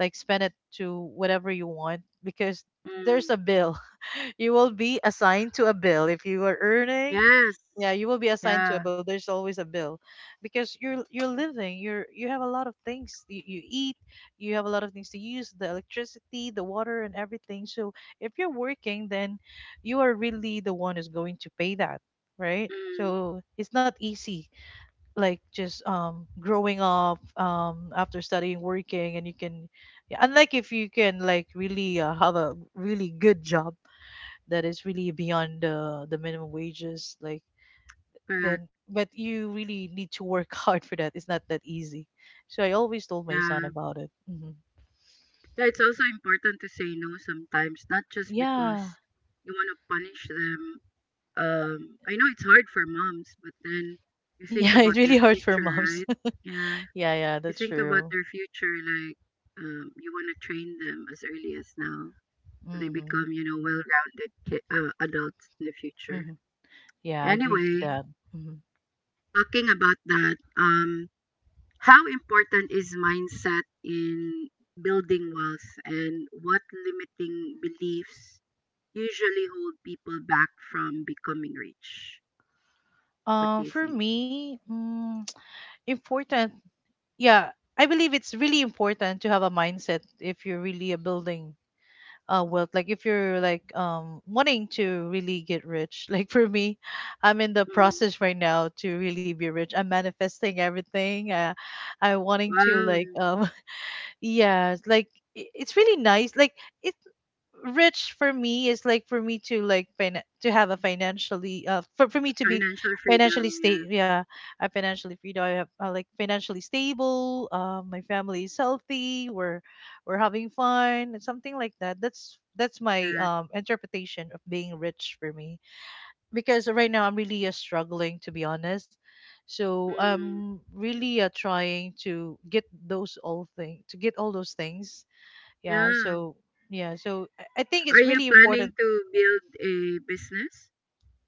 Speaker 2: like spend it to whatever you want because there's
Speaker 1: Mm.
Speaker 2: a bill. (laughs) You will be assigned to a bill if you are earning.
Speaker 1: Yes.
Speaker 2: Yeah, you will be assigned to a
Speaker 1: Yeah.
Speaker 2: bill. There's always a bill, because you're living, you have a lot of things, you eat, you have a lot of things to use, the electricity, the water, and everything. So if you're working, then you are really the one who's going to pay that, right?
Speaker 1: Mm.
Speaker 2: So it's not easy, like just growing up after studying working and you can yeah, unlike if you can like really have a really good job that is really beyond the minimum wages, like then,
Speaker 1: Correct.
Speaker 2: but you really need to work (laughs) hard for that. It's not that easy. So I always told my son
Speaker 1: Yeah.
Speaker 2: about it. Hmm.
Speaker 1: Yeah, it's also important to say no sometimes, not just
Speaker 2: Yeah.
Speaker 1: because you want to punish them. Um, I know it's hard for moms, but then you think
Speaker 2: Yeah, (laughs) it
Speaker 1: about
Speaker 2: really
Speaker 1: their
Speaker 2: hurts for
Speaker 1: future,
Speaker 2: moms.
Speaker 1: right? Yeah.
Speaker 2: (laughs) Yeah, yeah,
Speaker 1: You
Speaker 2: that's
Speaker 1: think about
Speaker 2: true.
Speaker 1: their future, like you want to train them as early as now so they
Speaker 2: Hmm.
Speaker 1: become, you know, well-rounded adults in the future.
Speaker 2: Hmm, yeah, I agree to
Speaker 1: Anyway,
Speaker 2: that. Hmm.
Speaker 1: talking about that, how important is mindset in building wealth, and what limiting beliefs usually hold people back from becoming rich? What do
Speaker 2: Uh,
Speaker 1: you
Speaker 2: for
Speaker 1: think?
Speaker 2: me, mm, important, yeah, I believe it's really important to have a mindset if you're really a building wealth. Like if you're like wanting to really get rich, (laughs) like for me, I'm in the
Speaker 1: Mm.
Speaker 2: process right now to really be rich. I'm manifesting everything, I wanting to like
Speaker 1: Wow,
Speaker 2: (laughs) yeah, like it's really nice, like it rich for me is like for me to like to have a financially for me to be
Speaker 1: financial freedom.
Speaker 2: financially
Speaker 1: Yeah,
Speaker 2: state, yeah, I financially free, do I have like financially stable, my family is healthy, we're having fun, something like that. That's my
Speaker 1: correct.
Speaker 2: interpretation of being rich, for me, because right now I'm really struggling to be honest. So
Speaker 1: Mm.
Speaker 2: I'm really trying to get all those things, yeah.
Speaker 1: Yeah.
Speaker 2: So I think
Speaker 1: Are
Speaker 2: it's
Speaker 1: you
Speaker 2: really
Speaker 1: planning
Speaker 2: important.
Speaker 1: to build a business?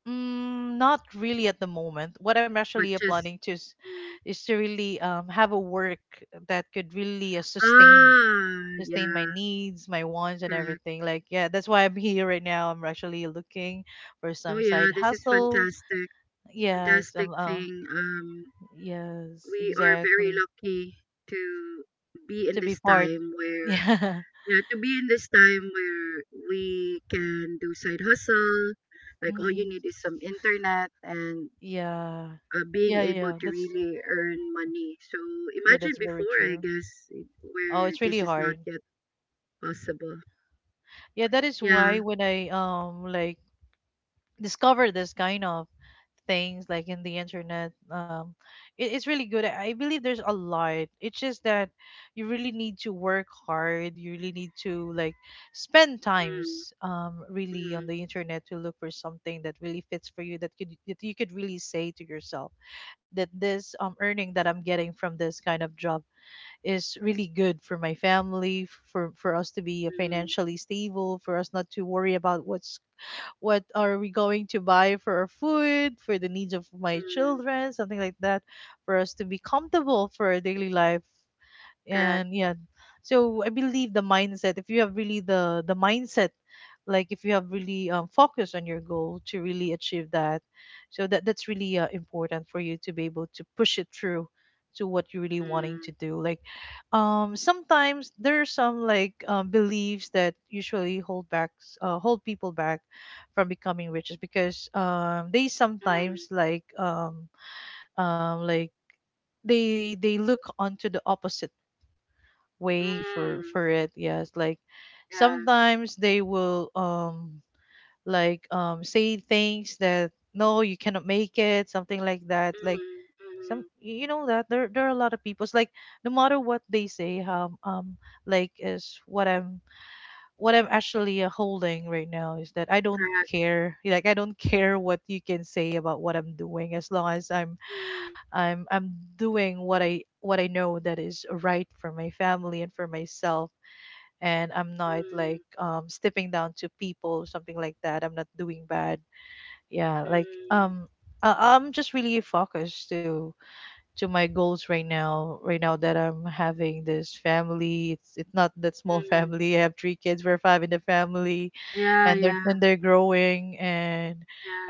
Speaker 2: Mm, not really at the moment. What I'm
Speaker 1: But
Speaker 2: actually
Speaker 1: just
Speaker 2: planning to is,
Speaker 1: mm.
Speaker 2: is to really have a work that could really sustain
Speaker 1: Ah,
Speaker 2: sustain my
Speaker 1: yeah,
Speaker 2: needs, my wants, and
Speaker 1: correct.
Speaker 2: everything, like, yeah, that's why I'm (laughs) here right now. I'm actually looking for
Speaker 1: Oh
Speaker 2: some
Speaker 1: yeah,
Speaker 2: side
Speaker 1: this is
Speaker 2: hustle.
Speaker 1: fantastic,
Speaker 2: Yes.
Speaker 1: fantastic thing.
Speaker 2: Yes,
Speaker 1: We are very
Speaker 2: exactly.
Speaker 1: lucky to be in
Speaker 2: To be
Speaker 1: this
Speaker 2: part.
Speaker 1: time
Speaker 2: (laughs)
Speaker 1: where
Speaker 2: Yeah.
Speaker 1: yeah, to be in this time where we can do side hustle. Like all you
Speaker 2: Hmm.
Speaker 1: need is some internet and
Speaker 2: Yeah,
Speaker 1: being
Speaker 2: yeah,
Speaker 1: able
Speaker 2: yeah,
Speaker 1: to
Speaker 2: that's...
Speaker 1: really earn money. So
Speaker 2: Yeah,
Speaker 1: imagine
Speaker 2: that's very
Speaker 1: before, I
Speaker 2: true.
Speaker 1: guess,
Speaker 2: Oh,
Speaker 1: where
Speaker 2: it's
Speaker 1: this
Speaker 2: really
Speaker 1: is not
Speaker 2: hard.
Speaker 1: yet possible.
Speaker 2: Yeah, that is why
Speaker 1: Yeah.
Speaker 2: when I like discover this kind of things like in the internet, it's really good. I believe there's a lot. It's just that you really need to work hard. You really need to, like, spend
Speaker 1: Mm,
Speaker 2: times really
Speaker 1: mm,
Speaker 2: on the internet to look for something that really fits for you, that could that you could really say to yourself that this earning that I'm getting from this kind of job is really good for my family, for us to be
Speaker 1: mm,
Speaker 2: financially stable, for us not to worry about what are we going to buy for our food, for the needs of my
Speaker 1: mm.
Speaker 2: children, something like that, for us to be comfortable for our daily life.
Speaker 1: Correct.
Speaker 2: And yeah, so I believe the mindset. If you have really the mindset, like if you have really focus on your goal to really achieve that, so that that's really important for you to be able to push it through to what you're really wanting
Speaker 1: Mm,
Speaker 2: to do. Like, sometimes there are some, like, beliefs that usually hold people back from becoming rich, is because they
Speaker 1: mm,
Speaker 2: sometimes like they look onto the opposite way for
Speaker 1: mm.
Speaker 2: it, yes, like
Speaker 1: Yeah.
Speaker 2: sometimes they will like say things that, no, you cannot make it, something like that, like,
Speaker 1: Mm,
Speaker 2: some,
Speaker 1: mm.
Speaker 2: that there are a lot of people. It's like, no matter what they say, like, is what I'm actually holding right now, is that I don't
Speaker 1: Correct.
Speaker 2: care. Like, I don't care what you can say about what I'm doing, as long as i'm
Speaker 1: Mm,
Speaker 2: i'm i'm doing what I know that is right for my family and for myself, and I'm not
Speaker 1: mm.
Speaker 2: like stepping down to people, something like that. I'm not doing bad. Yeah, like,
Speaker 1: Mm,
Speaker 2: I'm just really focused to my goals right now. Right now that I'm having this family, it's not that small (laughs)
Speaker 1: mm.
Speaker 2: family. I have three kids, we're five in the family,
Speaker 1: Yeah,
Speaker 2: and they're
Speaker 1: yeah,
Speaker 2: and they're growing. And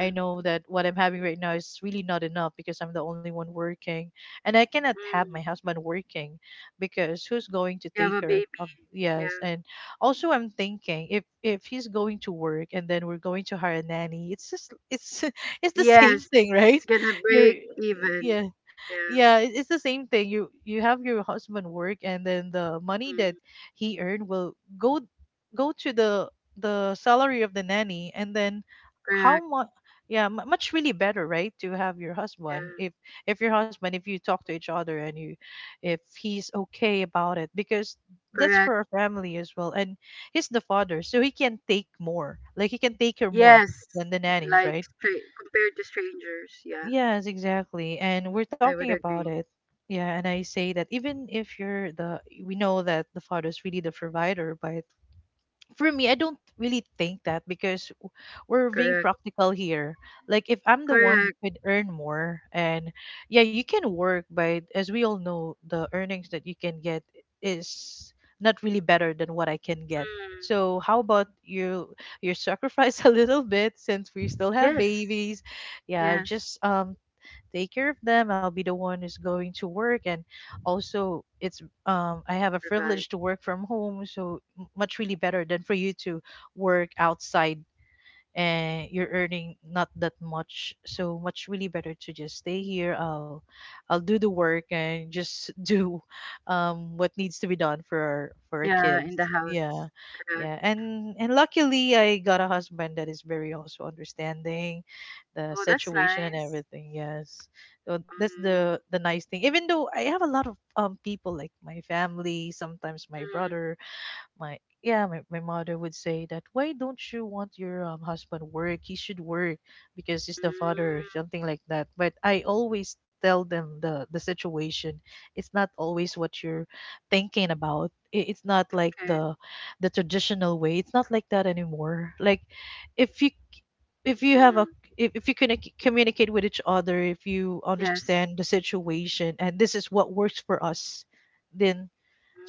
Speaker 2: I know that what I'm having right now is really not enough, because I'm the only one working, and I cannot have my
Speaker 1: Mm.
Speaker 2: husband working, because who's going to
Speaker 1: You have
Speaker 2: take
Speaker 1: a
Speaker 2: care of...
Speaker 1: baby.
Speaker 2: Yes.
Speaker 1: Yeah.
Speaker 2: And also I'm thinking, if he's going to work and then we're going to hire a nanny, it's just it's (laughs) it's the same
Speaker 1: Yes,
Speaker 2: thing, right?
Speaker 1: it's gonna
Speaker 2: You're...
Speaker 1: break even.
Speaker 2: Yeah.
Speaker 1: Yeah.
Speaker 2: Yeah, it's the same thing. You have your husband work, and then the money that
Speaker 1: Mm.
Speaker 2: he earned will go go to the salary of the nanny, and then how
Speaker 1: Correct.
Speaker 2: much, yeah, much really better, right, to have your husband,
Speaker 1: Yeah.
Speaker 2: if your husband if you talk to each other, and you, if he's okay about it, because that's
Speaker 1: Correct.
Speaker 2: for a family as well, and he's the father, so he can take more, like he can take her more
Speaker 1: Yes.
Speaker 2: than the nannies,
Speaker 1: Like
Speaker 2: right?
Speaker 1: straight compared to strangers. Yeah,
Speaker 2: Yes, exactly, and we're
Speaker 1: I
Speaker 2: talking
Speaker 1: would
Speaker 2: about
Speaker 1: agree.
Speaker 2: it. Yeah, and I say that, even if you're the... We know that the father is really the provider, but for me, I don't really think that, because we're being
Speaker 1: Correct.
Speaker 2: practical here. Like, if I'm the one who
Speaker 1: Correct.
Speaker 2: could earn more, and yeah, you can work, but as we all know, the earnings that you can get is not really better than what I can get.
Speaker 1: Mm.
Speaker 2: So how about you sacrifice (laughs) a little bit, since we still have
Speaker 1: Yes.
Speaker 2: babies. Yeah,
Speaker 1: Yes.
Speaker 2: just take care of them. I'll be the one who's going to work, and also it's, I have a
Speaker 1: Provide.
Speaker 2: privilege to work from home, so much really better than for you to work outside, and you're earning not that much. So much really better to just stay here. I'll do the work and just (laughs) do what needs to be done for our
Speaker 1: Yeah, in the
Speaker 2: kids,
Speaker 1: house.
Speaker 2: yeah.
Speaker 1: Correct.
Speaker 2: Yeah, and luckily I got a husband that is very also understanding the
Speaker 1: Oh, that's
Speaker 2: situation and
Speaker 1: nice.
Speaker 2: everything, yes. So that's
Speaker 1: Mm.
Speaker 2: the nice thing, even though I have a lot of people like my family. Sometimes my
Speaker 1: Mm.
Speaker 2: brother, my yeah, my mother would say that, why don't you want your husband work, he should work, because he's the father, or
Speaker 1: Mm.
Speaker 2: something like that, but I always tell them the situation. It's not always what you're thinking about. It's not like
Speaker 1: Okay.
Speaker 2: the traditional way. It's not like that anymore. Like, if you if you have a...
Speaker 1: Mm.
Speaker 2: If you can communicate with each other, if you
Speaker 1: Yes.
Speaker 2: understand the situation, and this is what works for us, then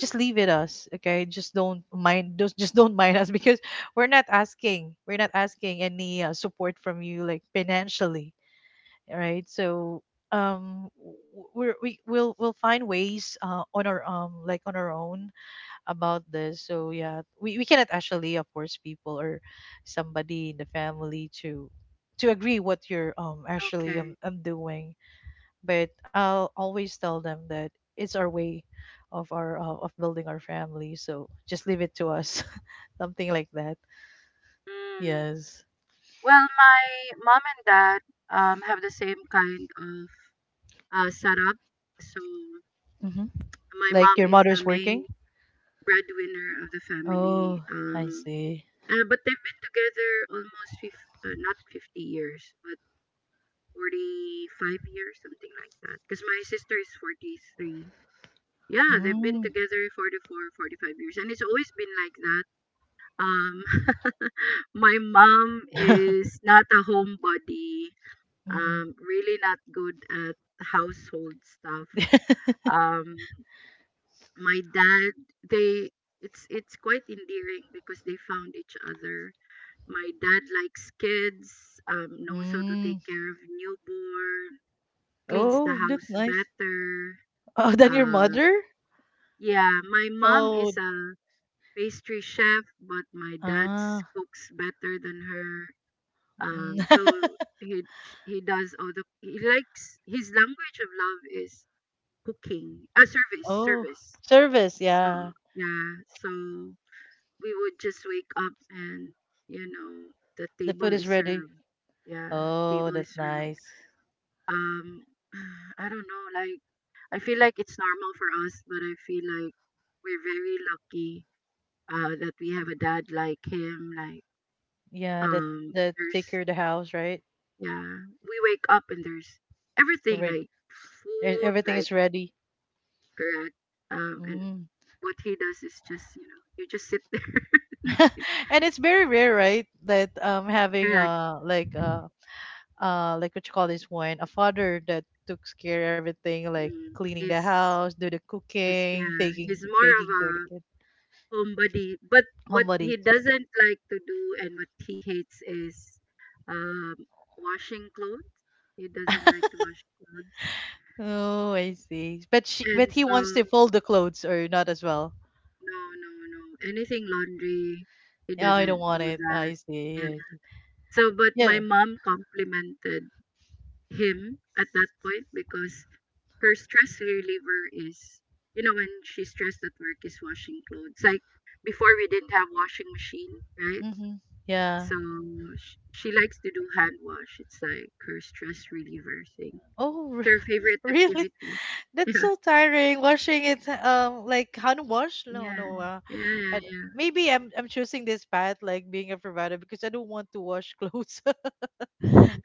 Speaker 2: just leave it us. Okay, just don't mind (laughs) just don't mind us, because we're not asking any support from you, like financially, right? So, um we're, we'll find ways on our, like, on our own about this. So yeah, we cannot actually force people or somebody in the family to agree what you're actually
Speaker 1: Okay.
Speaker 2: doing, but I'll always tell them that it's our way of our, of building our family. So just leave it to us, (laughs) something like that.
Speaker 1: Hmm.
Speaker 2: Yes.
Speaker 1: Well, my mom and dad have the same kind of setup. So
Speaker 2: Hmm.
Speaker 1: my
Speaker 2: Like
Speaker 1: mom
Speaker 2: your
Speaker 1: is the
Speaker 2: mother's working.
Speaker 1: main breadwinner of the
Speaker 2: Oh,
Speaker 1: family.
Speaker 2: I see.
Speaker 1: But they've been together almost fif not 50 years, but 45 years, something like that. Because my sister is 43. Yeah, they've been
Speaker 2: Mm.
Speaker 1: together 44, 45 years. And it's always been like that. Um, (laughs) my mom
Speaker 2: (laughs)
Speaker 1: is not a homebody
Speaker 2: Hmm.
Speaker 1: really not good at household stuff.
Speaker 2: (laughs)
Speaker 1: Um, my dad, they, it's quite endearing because they found each other. My dad likes kids, knows how to take
Speaker 2: Mm.
Speaker 1: care of newborn, cleans
Speaker 2: Oh,
Speaker 1: the
Speaker 2: that's
Speaker 1: house
Speaker 2: nice.
Speaker 1: better.
Speaker 2: Oh, then your
Speaker 1: Uh,
Speaker 2: mother.
Speaker 1: yeah, my mom
Speaker 2: Oh,
Speaker 1: is a pastry chef, but my dad
Speaker 2: ah.
Speaker 1: cooks better than her. So
Speaker 2: Mm.
Speaker 1: he he does all the he likes his language of love is cooking. A
Speaker 2: (laughs)
Speaker 1: service,
Speaker 2: Oh,
Speaker 1: service.
Speaker 2: service. Yeah,
Speaker 1: So, yeah. So, we would just wake up and, you know, the
Speaker 2: the
Speaker 1: table
Speaker 2: food
Speaker 1: is
Speaker 2: is ready.
Speaker 1: served. Yeah,
Speaker 2: Oh,
Speaker 1: table is
Speaker 2: that's
Speaker 1: served.
Speaker 2: nice.
Speaker 1: Um, (sighs) I don't know, like, I feel like it's normal for us, but I feel like we're very lucky that we have a dad like him. Like,
Speaker 2: Yeah, that
Speaker 1: um,
Speaker 2: that
Speaker 1: there's,
Speaker 2: take care of the house, right?
Speaker 1: yeah, we wake up and there's everything
Speaker 2: Right.
Speaker 1: like
Speaker 2: E-
Speaker 1: food,
Speaker 2: Everything is
Speaker 1: like
Speaker 2: ready.
Speaker 1: bread, and
Speaker 2: Mm.
Speaker 1: what he does is just you know you just sit there (laughs) and
Speaker 2: (laughs)
Speaker 1: eat.
Speaker 2: And it's very rare, right, that having
Speaker 1: Correct.
Speaker 2: like like, what you call this one, a father that took care everything, like
Speaker 1: mm,
Speaker 2: cleaning the
Speaker 1: he's
Speaker 2: house, do the
Speaker 1: he's
Speaker 2: cooking,
Speaker 1: yeah
Speaker 2: taking
Speaker 1: he's more of
Speaker 2: taking care of the
Speaker 1: a
Speaker 2: kid.
Speaker 1: homebody, but what he
Speaker 2: Homebodies.
Speaker 1: doesn't like to do and what he hates is um washing clothes. He doesn't like to wash clothes.
Speaker 2: Oh, I see. But she but
Speaker 1: And
Speaker 2: he
Speaker 1: so
Speaker 2: wants to fold the clothes or not as well.
Speaker 1: no, no, no, anything laundry he
Speaker 2: Yeah, I don't
Speaker 1: doesn't
Speaker 2: want
Speaker 1: do
Speaker 2: it.
Speaker 1: that.
Speaker 2: I see.
Speaker 1: Yeah.
Speaker 2: I see.
Speaker 1: So but
Speaker 2: Yeah.
Speaker 1: my mom complimented him at that point because her stress reliever is, you know, when she's stressed at work, is washing clothes. Like before we didn't have washing machine, right?
Speaker 2: Hmm. Yeah.
Speaker 1: So she likes to do hand wash. It's like her stress reliever thing. It's
Speaker 2: Oh,
Speaker 1: her favorite
Speaker 2: (laughs) really?
Speaker 1: activity. (laughs)
Speaker 2: That's so tiring washing it, like, hand wash.
Speaker 1: Yeah,
Speaker 2: No, no.
Speaker 1: yeah, yeah, yeah,
Speaker 2: I, d
Speaker 1: yeah.
Speaker 2: Maybe I'm choosing this path, like being a provider, because I don't want to wash clothes. (laughs)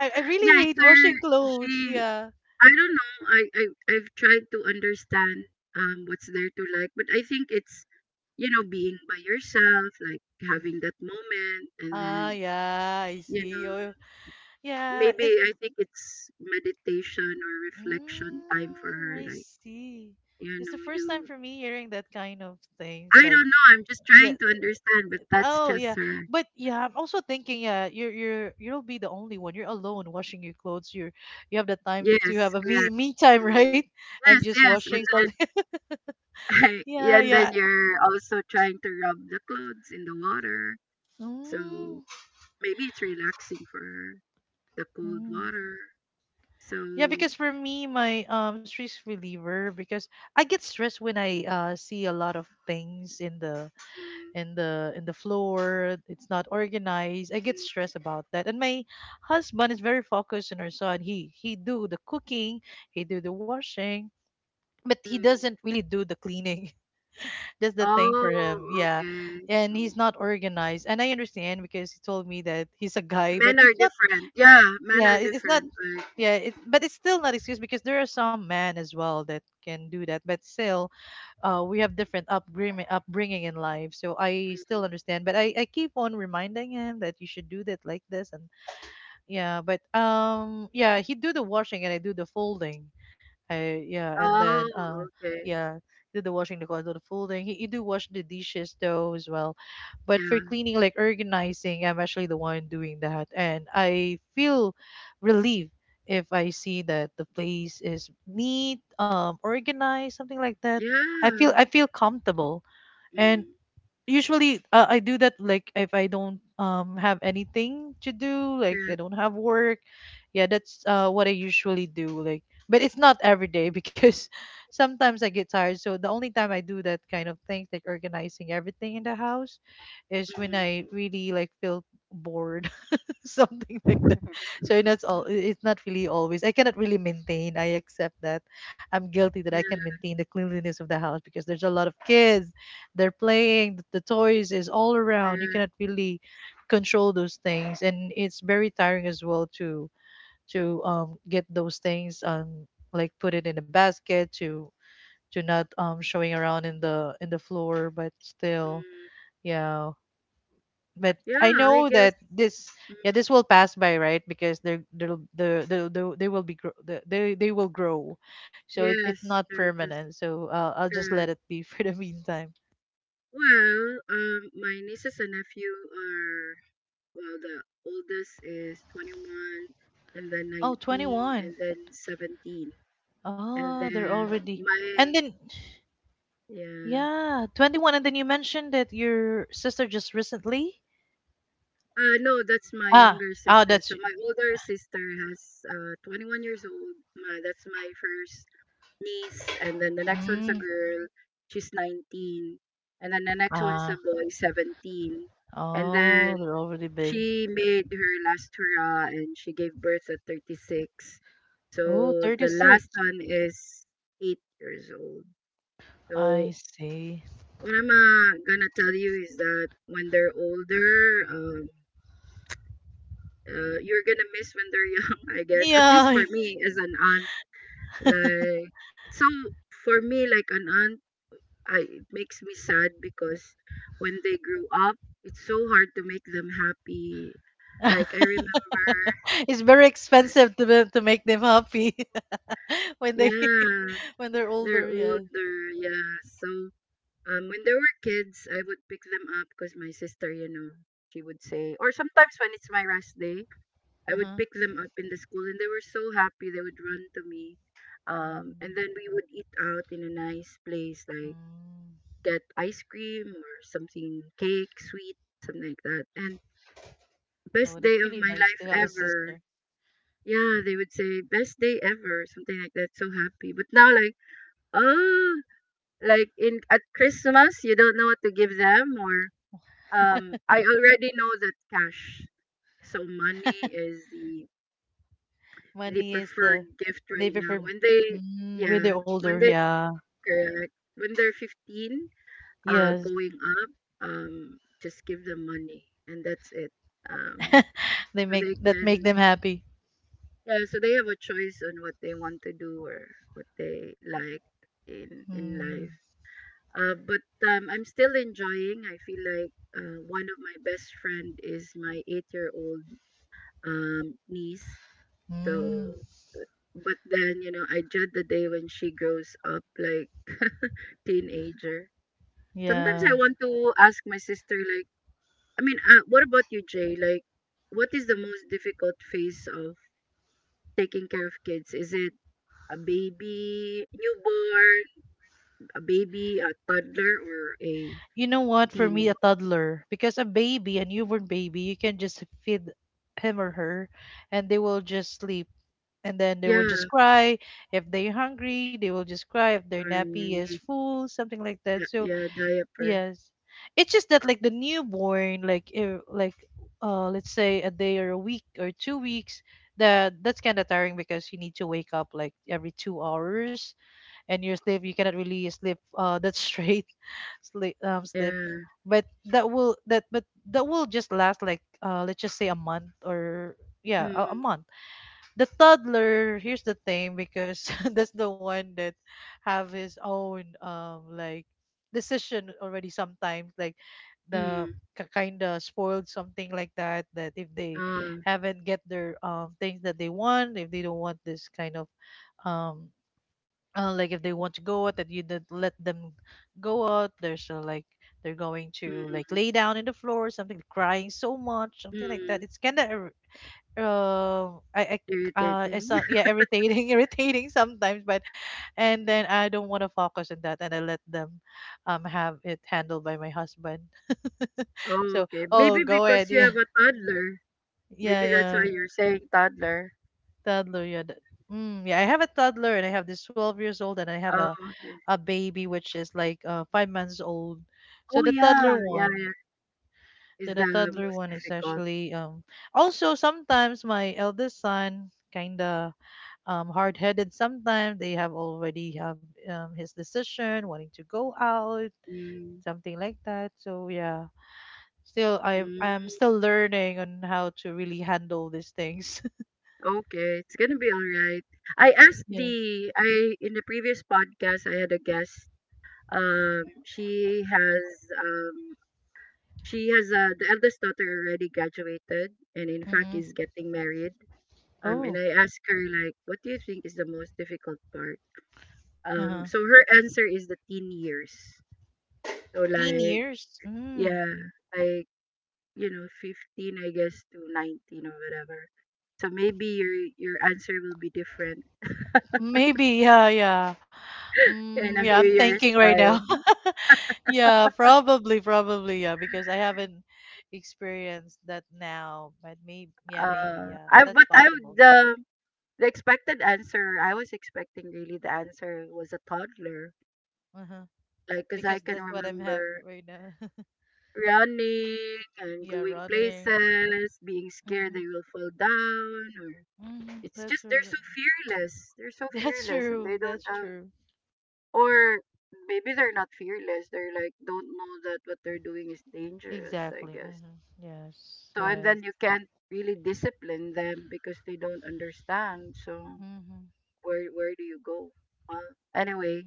Speaker 2: I really
Speaker 1: Yeah, it's
Speaker 2: hate
Speaker 1: her.
Speaker 2: washing clothes.
Speaker 1: She,
Speaker 2: Yeah.
Speaker 1: I don't know. I've tried to understand what's there to like, but I think it's you know being by yourself, like
Speaker 2: Mm.
Speaker 1: having that moment, and then
Speaker 2: Ah, yeah, I
Speaker 1: you
Speaker 2: see.
Speaker 1: know,
Speaker 2: Oh, yeah,
Speaker 1: maybe
Speaker 2: it's...
Speaker 1: I think it's meditation or reflection time for
Speaker 2: Mm,
Speaker 1: her.
Speaker 2: I
Speaker 1: Like,
Speaker 2: see.
Speaker 1: you
Speaker 2: It's the
Speaker 1: know,
Speaker 2: first time
Speaker 1: you,
Speaker 2: for me hearing that kind of thing.
Speaker 1: I
Speaker 2: Like,
Speaker 1: don't know, I'm just trying
Speaker 2: that
Speaker 1: to understand, but that's
Speaker 2: oh
Speaker 1: just
Speaker 2: yeah,
Speaker 1: her.
Speaker 2: but yeah, I'm also thinking. Yeah, you'll be the only one. You're alone washing your clothes. You have the time
Speaker 1: Yes,
Speaker 2: to have a me
Speaker 1: correct.
Speaker 2: me time, (laughs) right?
Speaker 1: Mm.
Speaker 2: And
Speaker 1: Yes,
Speaker 2: just
Speaker 1: yes. And
Speaker 2: washing something.
Speaker 1: then,
Speaker 2: (laughs)
Speaker 1: (laughs) yeah,
Speaker 2: Yeah,
Speaker 1: and then
Speaker 2: yeah.
Speaker 1: you're also trying to rub the clothes in the water. So
Speaker 2: Mm,
Speaker 1: maybe it's relaxing for her, the cold
Speaker 2: mm.
Speaker 1: water. So,
Speaker 2: Yeah,
Speaker 1: mm,
Speaker 2: because for me, my stress reliever, because I get stressed when I see a lot of things in the
Speaker 1: mm,
Speaker 2: in the in the floor. It's not organized. I get stressed about that. And my husband is very focused on our son. He do the cooking. He do the washing, but he
Speaker 1: mm.
Speaker 2: doesn't really do the cleaning. (laughs) That's the thing for him.
Speaker 1: Oh,
Speaker 2: Yeah.
Speaker 1: okay. So,
Speaker 2: And he's not organized. And I understand, because he told me that he's a guy, but
Speaker 1: men are
Speaker 2: it's not...
Speaker 1: different. Yeah, men
Speaker 2: Yeah,
Speaker 1: are
Speaker 2: it's not...
Speaker 1: different. Like,
Speaker 2: Yeah, but it's still not excuse, because there are some men as well that can do that. But still, we have different upbringing in life, so I still
Speaker 1: mm.
Speaker 2: understand. But I keep on reminding him that you should do that like this, and yeah, but yeah, he do the washing and I do the folding. I Yeah, and then
Speaker 1: Oh, okay.
Speaker 2: yeah, do the washing, the do the folding. He do wash the dishes though as well, but
Speaker 1: Yeah,
Speaker 2: for cleaning, like organizing, I'm actually the one doing that, and I feel relieved if I see that the place is neat, organized, something like that. I feel
Speaker 1: yeah.
Speaker 2: I feel comfortable, and
Speaker 1: Mm.
Speaker 2: usually I do that, like, if I don't have anything to do, like I
Speaker 1: Correct.
Speaker 2: don't have work. Yeah, that's what I usually do. Like, but it's not every day, because (laughs) sometimes I get tired. So the only time I do that kind of things, like organizing everything in the house, is when
Speaker 1: Mm.
Speaker 2: I really like feel bored. (laughs) Something like that. So that's
Speaker 1: (laughs)
Speaker 2: all. It's not really always. I cannot really maintain. I accept that. I'm guilty that I
Speaker 1: Yeah,
Speaker 2: can maintain the cleanliness of the house because there's a lot of kids. They're playing. The toys is all around. You
Speaker 1: correct.
Speaker 2: cannot really control those things, and it's very tiring as well to get those things, like put it in a basket to not showing around in the floor, but still.
Speaker 1: Mm.
Speaker 2: Yeah, but
Speaker 1: Yeah,
Speaker 2: I
Speaker 1: I
Speaker 2: know
Speaker 1: guess.
Speaker 2: that this
Speaker 1: Mm.
Speaker 2: yeah this will pass by, right? Because they're they'll the they will be grow the, they will grow, so it's not
Speaker 1: Yes, they're just
Speaker 2: permanent. So I'll just let
Speaker 1: correct.
Speaker 2: it be (laughs) for the meantime.
Speaker 1: Well, my nieces and nephew are well, the oldest is 21, and then
Speaker 2: Oh, 21.
Speaker 1: 19,
Speaker 2: 21.
Speaker 1: and then 17, and
Speaker 2: Oh, they're
Speaker 1: then
Speaker 2: already and
Speaker 1: my
Speaker 2: then
Speaker 1: yeah.
Speaker 2: yeah 21, and then you mentioned that your sister just recently,
Speaker 1: No, that's my
Speaker 2: ah.
Speaker 1: younger
Speaker 2: Oh,
Speaker 1: sister.
Speaker 2: that's,
Speaker 1: So my older sister has 21 years old. My, that's my first niece, and then the next one's a
Speaker 2: mm,
Speaker 1: girl. She's 19, and then the next one's a
Speaker 2: ah,
Speaker 1: boy, 17, and then
Speaker 2: oh they're already big.
Speaker 1: she made her last hurrah, and she gave birth at 36. So
Speaker 2: Oh, thirty
Speaker 1: the last
Speaker 2: six.
Speaker 1: one is 8 years old. So
Speaker 2: I see.
Speaker 1: what I'm gonna tell you is that when they're older, you're gonna miss when they're young, (laughs) I guess. At least
Speaker 2: Yeah.
Speaker 1: for me as an aunt, like so for me like an aunt, I it makes me sad because when they grew up, it's so hard to make them happy. Like I
Speaker 2: (laughs)
Speaker 1: remember,
Speaker 2: (laughs) It's very
Speaker 1: uh,
Speaker 2: expensive to to make them happy. (laughs) When they (laughs)
Speaker 1: yeah,
Speaker 2: when they're older.
Speaker 1: they're
Speaker 2: Yes.
Speaker 1: older, yeah. So when they were kids, I would pick them up because my sister, you know, she would say, or sometimes when it's my rest day, I
Speaker 2: Uh
Speaker 1: would
Speaker 2: huh.
Speaker 1: pick them up in the school, and they were so happy. They would run to me, and then we would eat out in a nice place, like
Speaker 2: Mm.
Speaker 1: get ice cream or something, cake, sweet, something like that. And
Speaker 2: Oh,
Speaker 1: best
Speaker 2: that's
Speaker 1: day of
Speaker 2: really
Speaker 1: my
Speaker 2: nice
Speaker 1: life
Speaker 2: to have a
Speaker 1: ever.
Speaker 2: sister.
Speaker 1: Yeah, they would say best day ever, something like that. So happy. But now, like, oh, like in at Christmas, you don't know what to give them, or
Speaker 2: (laughs)
Speaker 1: I already know that cash. So money is the
Speaker 2: Money is
Speaker 1: preferred
Speaker 2: the,
Speaker 1: gift
Speaker 2: they
Speaker 1: right now
Speaker 2: prefer,
Speaker 1: when they
Speaker 2: mm, when
Speaker 1: yeah
Speaker 2: they're older.
Speaker 1: when they
Speaker 2: Yeah.
Speaker 1: correct when they're 15
Speaker 2: Yes.
Speaker 1: going up, just give them money and that's it. Um,
Speaker 2: They
Speaker 1: so
Speaker 2: make
Speaker 1: they
Speaker 2: that make
Speaker 1: can
Speaker 2: them happy.
Speaker 1: yeah so they have a choice on what they want to do or what they like in
Speaker 2: Mm.
Speaker 1: life. But I'm still enjoying. I feel like one of my best friend is my 8-year-old niece. So
Speaker 2: Mm.
Speaker 1: but then, you know, I dread the day when she grows up like a teenager. Sometimes
Speaker 2: Yeah.
Speaker 1: I want to ask my sister, like, I mean, what about you, Jay? Like, what is the most difficult phase of taking care of kids? Is it a baby, newborn, a baby, a toddler, or a
Speaker 2: You know what? For me,
Speaker 1: teen?
Speaker 2: a toddler, because a baby, a newborn baby, you can just feed him or her, and they will just sleep. And then they will
Speaker 1: Yeah,
Speaker 2: just cry if they're hungry, they will just cry if their
Speaker 1: or
Speaker 2: nappy
Speaker 1: you
Speaker 2: is
Speaker 1: need,
Speaker 2: full, something like
Speaker 1: yeah,
Speaker 2: that. So
Speaker 1: yeah, diaper.
Speaker 2: yes, it's just that like the newborn, like let's say a day or a week or two weeks, that's kind of tiring because you need to wake up like every two hours, and your sleep, you cannot really sleep that straight. (laughs) Sleep.
Speaker 1: Yeah.
Speaker 2: But that will just last like, let's just say a month or, yeah, a
Speaker 1: Mm,
Speaker 2: month. The toddler, here's the thing, because (laughs) that's the one that have his own like decision already sometimes, like the
Speaker 1: mm,
Speaker 2: kind of spoiled, something like that, that if they
Speaker 1: ah,
Speaker 2: haven't get their things that they want, if they don't want this kind of um like if they want to go out that you don't let them go out, there's like, they're going to like
Speaker 1: mm,
Speaker 2: lay down in the floor, something, crying so much, something like
Speaker 1: mm.
Speaker 2: that. It's kind of, I it's
Speaker 1: Irritating.
Speaker 2: some yeah irritating (laughs) irritating sometimes. But and then I don't want to focus on that, and I let them have it handled by my husband. (laughs)
Speaker 1: Oh,
Speaker 2: So,
Speaker 1: okay.
Speaker 2: oh
Speaker 1: Maybe
Speaker 2: go ahead.
Speaker 1: because you
Speaker 2: Yeah.
Speaker 1: have
Speaker 2: (laughs)
Speaker 1: a toddler.
Speaker 2: yeah
Speaker 1: Maybe that's
Speaker 2: yeah
Speaker 1: why you're saying toddler.
Speaker 2: toddler. Yeah, mm, yeah, I have a toddler and I have this 12 years old, and I have
Speaker 1: Oh,
Speaker 2: a
Speaker 1: okay.
Speaker 2: baby which is like five months old. So
Speaker 1: Oh,
Speaker 2: the toddler
Speaker 1: yeah. Yeah,
Speaker 2: one
Speaker 1: yeah.
Speaker 2: so
Speaker 1: Is
Speaker 2: the
Speaker 1: the
Speaker 2: toddler
Speaker 1: most
Speaker 2: one is
Speaker 1: difficult.
Speaker 2: actually, also sometimes my eldest son kinda, hard-headed sometimes. They have already have, his decision, wanting to go out,
Speaker 1: Mm.
Speaker 2: something like that. So yeah, still, i
Speaker 1: Mm.
Speaker 2: i'm still learning on how to really handle these things.
Speaker 1: Okay, it's gonna be all right. I asked
Speaker 2: (laughs) Yeah.
Speaker 1: the I in the previous podcast I had a guest. Um, she has um she has the eldest daughter already graduated and in fact
Speaker 2: Mm-hmm.
Speaker 1: is getting married. And
Speaker 2: Oh.
Speaker 1: I asked her like, what do you think is the most difficult part?
Speaker 2: Uh-huh.
Speaker 1: So her answer is the teen years. So
Speaker 2: Teen
Speaker 1: like
Speaker 2: years, mm.
Speaker 1: yeah, like you know, 15 I guess to 19 or whatever. So maybe your answer will be different
Speaker 2: Maybe, yeah, yeah, mm,
Speaker 1: in a
Speaker 2: yeah, I'm
Speaker 1: few
Speaker 2: thinking
Speaker 1: years
Speaker 2: right now.
Speaker 1: time.
Speaker 2: (laughs) Yeah, probably, probably, yeah, because I haven't experienced that now, but maybe, yeah, maybe, yeah,
Speaker 1: I
Speaker 2: that's
Speaker 1: but I would
Speaker 2: possible.
Speaker 1: the expected answer I was expecting really the answer was a toddler.
Speaker 2: Uh-huh.
Speaker 1: Like, cause I
Speaker 2: Because
Speaker 1: can
Speaker 2: that's what I'm having
Speaker 1: remember
Speaker 2: right now. (laughs)
Speaker 1: running and
Speaker 2: Yeah,
Speaker 1: going
Speaker 2: running.
Speaker 1: places, being scared
Speaker 2: Hmm.
Speaker 1: they will fall down or
Speaker 2: Hmm.
Speaker 1: it's
Speaker 2: That's
Speaker 1: just they're
Speaker 2: true.
Speaker 1: so fearless. They're so
Speaker 2: (laughs) That's
Speaker 1: fearless and they
Speaker 2: true.
Speaker 1: don't
Speaker 2: That's
Speaker 1: have,
Speaker 2: true.
Speaker 1: or maybe they're not fearless. They're like don't know that what they're doing is dangerous, I
Speaker 2: Exactly.
Speaker 1: guess.
Speaker 2: Hmm. Yes.
Speaker 1: So and
Speaker 2: Yes.
Speaker 1: then you can't really discipline them because they don't understand. So
Speaker 2: Hmm.
Speaker 1: where do you go? Well, anyway,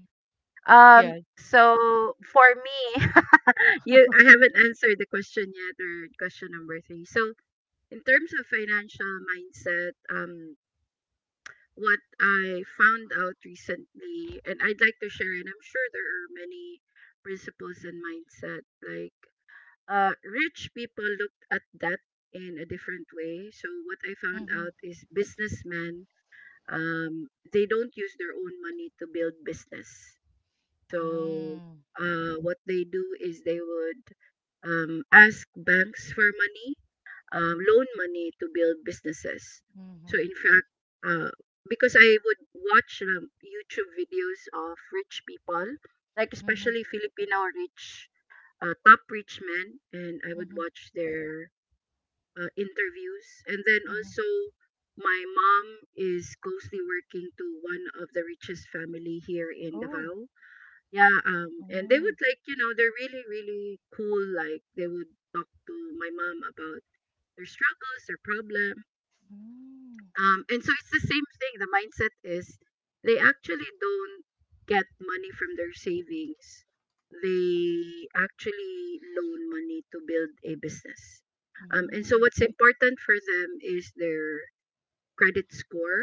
Speaker 1: um,
Speaker 2: Yes.
Speaker 1: so for me (laughs) you I haven't answered the question yet or question number three. So in terms of financial mindset, um, what I found out recently, and I'd like to share, and I'm sure there are many principles and mindset. Like, rich people looked at that in a different way. So, what I found
Speaker 2: Hmm.
Speaker 1: out is businessmen, they don't use their own money to build business. So,
Speaker 2: Mm-hmm.
Speaker 1: what they do is they would ask banks for money, loan money to build businesses. So in fact, uh, because I would watch YouTube videos of rich people, like
Speaker 2: Mm-hmm.
Speaker 1: especially Filipino rich, top rich men, and I would
Speaker 2: Mm-hmm.
Speaker 1: watch their interviews. And then
Speaker 2: Mm-hmm.
Speaker 1: also, my mom is closely working to one of the richest family here in
Speaker 2: Oh.
Speaker 1: Davao. Yeah, and they
Speaker 2: Mm-hmm.
Speaker 1: would like, you know, they're really, really cool. Like they would talk to my mom about their struggles, their problem. And so it's the same thing. The mindset is they actually don't get money from their savings. They actually loan money to build a business. And so
Speaker 2: Mm-hmm.
Speaker 1: what's important for them is their credit score,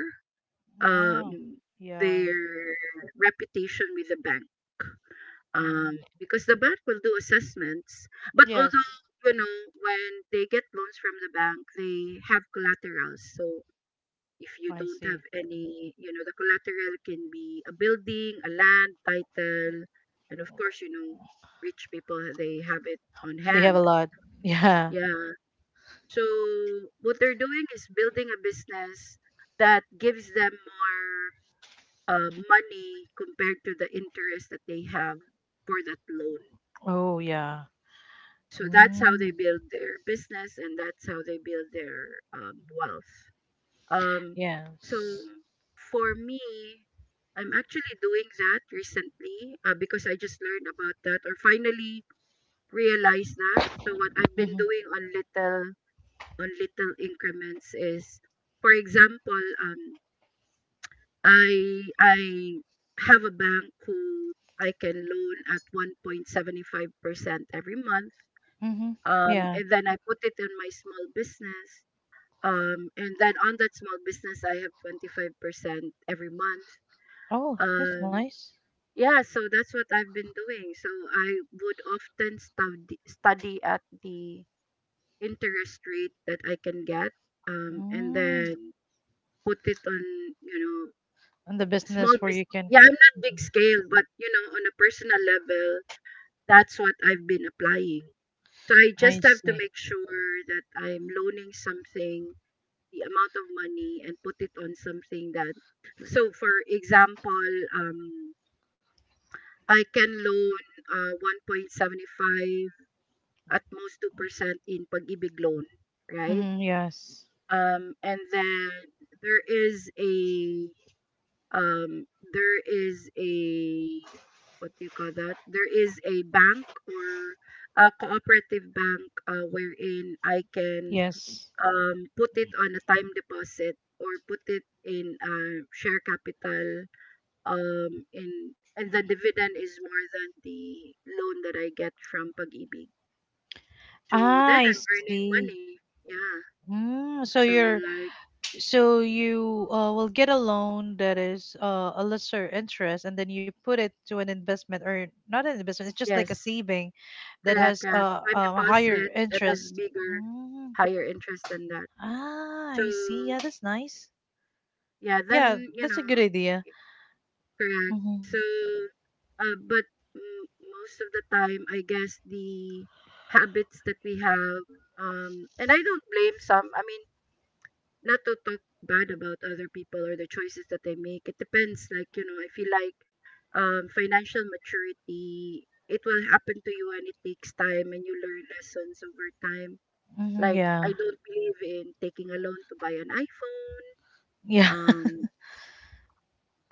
Speaker 2: Wow.
Speaker 1: um,
Speaker 2: Yeah.
Speaker 1: their reputation with the bank,
Speaker 2: Mm.
Speaker 1: because the bank will do assessments. But although
Speaker 2: Yes.
Speaker 1: you know when they get loans from the bank, they have collaterals. So if you
Speaker 2: I
Speaker 1: don't have
Speaker 2: see.
Speaker 1: any, you know, the collateral can be a building, a land title, and of course, you know, rich people they have it on
Speaker 2: They have a
Speaker 1: hand.
Speaker 2: lot. (laughs) Yeah.
Speaker 1: Yeah. So what they're doing is building a business that gives them more money compared to the interest that they have for that loan.
Speaker 2: Oh, yeah.
Speaker 1: So that's how they
Speaker 2: Mm.
Speaker 1: build their business, and that's how they build their wealth. Um, so
Speaker 2: Yes.
Speaker 1: for me, I'm actually doing that recently because I just learned about that, or finally realized that. So what I've been
Speaker 2: Mm-hmm.
Speaker 1: doing on little increments is, for example, I have a bank who I can loan at 1.75% every month,
Speaker 2: Mm-hmm. Yeah.
Speaker 1: and then I put it in my small business. And then on that small business, I have 25% every month.
Speaker 2: Oh, that's
Speaker 1: Um,
Speaker 2: nice.
Speaker 1: yeah, so that's what I've been doing. So I would often study at the interest rate that I can get, and
Speaker 2: Mm.
Speaker 1: then put it on, you know,
Speaker 2: And the
Speaker 1: small
Speaker 2: business where you
Speaker 1: business.
Speaker 2: can.
Speaker 1: Yeah, I'm not big
Speaker 2: Mhm.
Speaker 1: scale, but, you know, on a personal level, that's what I've been applying. So I just
Speaker 2: I
Speaker 1: have to
Speaker 2: see.
Speaker 1: make sure that I'm loaning something, the amount of money, and put it on something that, so for example, um I can loan 1.75, at most 2%, in pag-ibig loan, right?
Speaker 2: Mm-hmm. Yes.
Speaker 1: And then there is a, um there is a what do you call that, there is a bank, or a cooperative bank wherein I can
Speaker 2: Yes.
Speaker 1: put it on a time deposit, or put it in share capital in and the dividend is more than the loan that I get from Pag-ibig. So then
Speaker 2: I
Speaker 1: I'm earning
Speaker 2: see.
Speaker 1: money. Yeah.
Speaker 2: Mm. So
Speaker 1: So
Speaker 2: you're
Speaker 1: like,
Speaker 2: so you will get a loan that is a lesser interest, and then you put it to an investment or not an investment. It's just like a
Speaker 1: yes,
Speaker 2: saving that
Speaker 1: correct,
Speaker 2: has
Speaker 1: correct. Time
Speaker 2: a higher
Speaker 1: deposit that has
Speaker 2: interest.
Speaker 1: bigger,
Speaker 2: Mm.
Speaker 1: higher interest than that.
Speaker 2: Ah,
Speaker 1: So
Speaker 2: I see. Yeah, that's nice.
Speaker 1: yeah,
Speaker 2: Yeah,
Speaker 1: then you
Speaker 2: that's a
Speaker 1: know.
Speaker 2: good idea.
Speaker 1: Correct.
Speaker 2: Mm-hmm.
Speaker 1: So, but most of the time, I guess the habits that we have, and I don't blame some. I mean, not to talk bad about other people or the choices that they make. It depends. Like, you know, I feel like, financial maturity, it will happen to you, and it takes time, and you learn lessons over time.
Speaker 2: Mm-hmm.
Speaker 1: Like,
Speaker 2: Yeah.
Speaker 1: I don't believe in taking a loan to buy an iPhone.
Speaker 2: Yeah.
Speaker 1: Um,
Speaker 2: (laughs)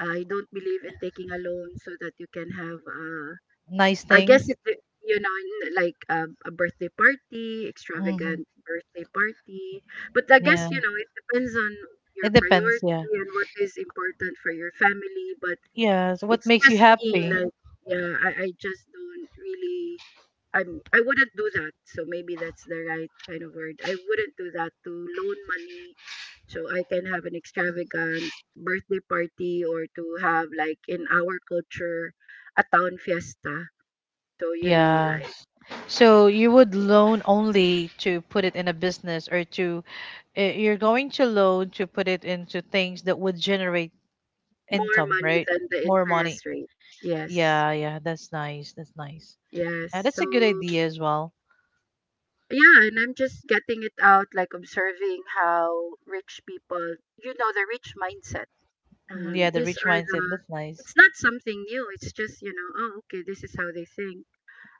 Speaker 1: I don't believe in taking a loan so that you can have a,
Speaker 2: Nice
Speaker 1: I guess
Speaker 2: things.
Speaker 1: it, you know, in, like, a birthday party,
Speaker 2: Hmm.
Speaker 1: extravagant birthday party. But I guess,
Speaker 2: Yeah,
Speaker 1: you know, it depends on your
Speaker 2: it depends. Yeah.
Speaker 1: priority and what is important for your family. But
Speaker 2: Yeah. So what
Speaker 1: it's
Speaker 2: makes you
Speaker 1: just me,
Speaker 2: happy?
Speaker 1: like, yeah, I just don't really, I wouldn't do that. So maybe that's the right kind of word. I wouldn't do that, to loan money so I can have an extravagant birthday party, or to have, like, in our culture, a town fiesta, to, you know,
Speaker 2: Yeah.
Speaker 1: like,
Speaker 2: So you would loan only to put it in a business, or to, eh, you're going to loan to put it into things that would generate
Speaker 1: more
Speaker 2: income,
Speaker 1: money
Speaker 2: right?
Speaker 1: than the
Speaker 2: More money.
Speaker 1: interest rate. Yes.
Speaker 2: Yeah. Yeah. That's nice. That's nice.
Speaker 1: Yes.
Speaker 2: Yeah, that's
Speaker 1: So,
Speaker 2: a good idea as well.
Speaker 1: yeah, and I'm just getting it out, like observing how rich people, you know, the rich mindset.
Speaker 2: Mhm,
Speaker 1: Um,
Speaker 2: yeah. The
Speaker 1: these
Speaker 2: rich
Speaker 1: are
Speaker 2: mindset.
Speaker 1: the,
Speaker 2: That's nice.
Speaker 1: it's not something new. It's just, you know, oh, okay, this is how they think.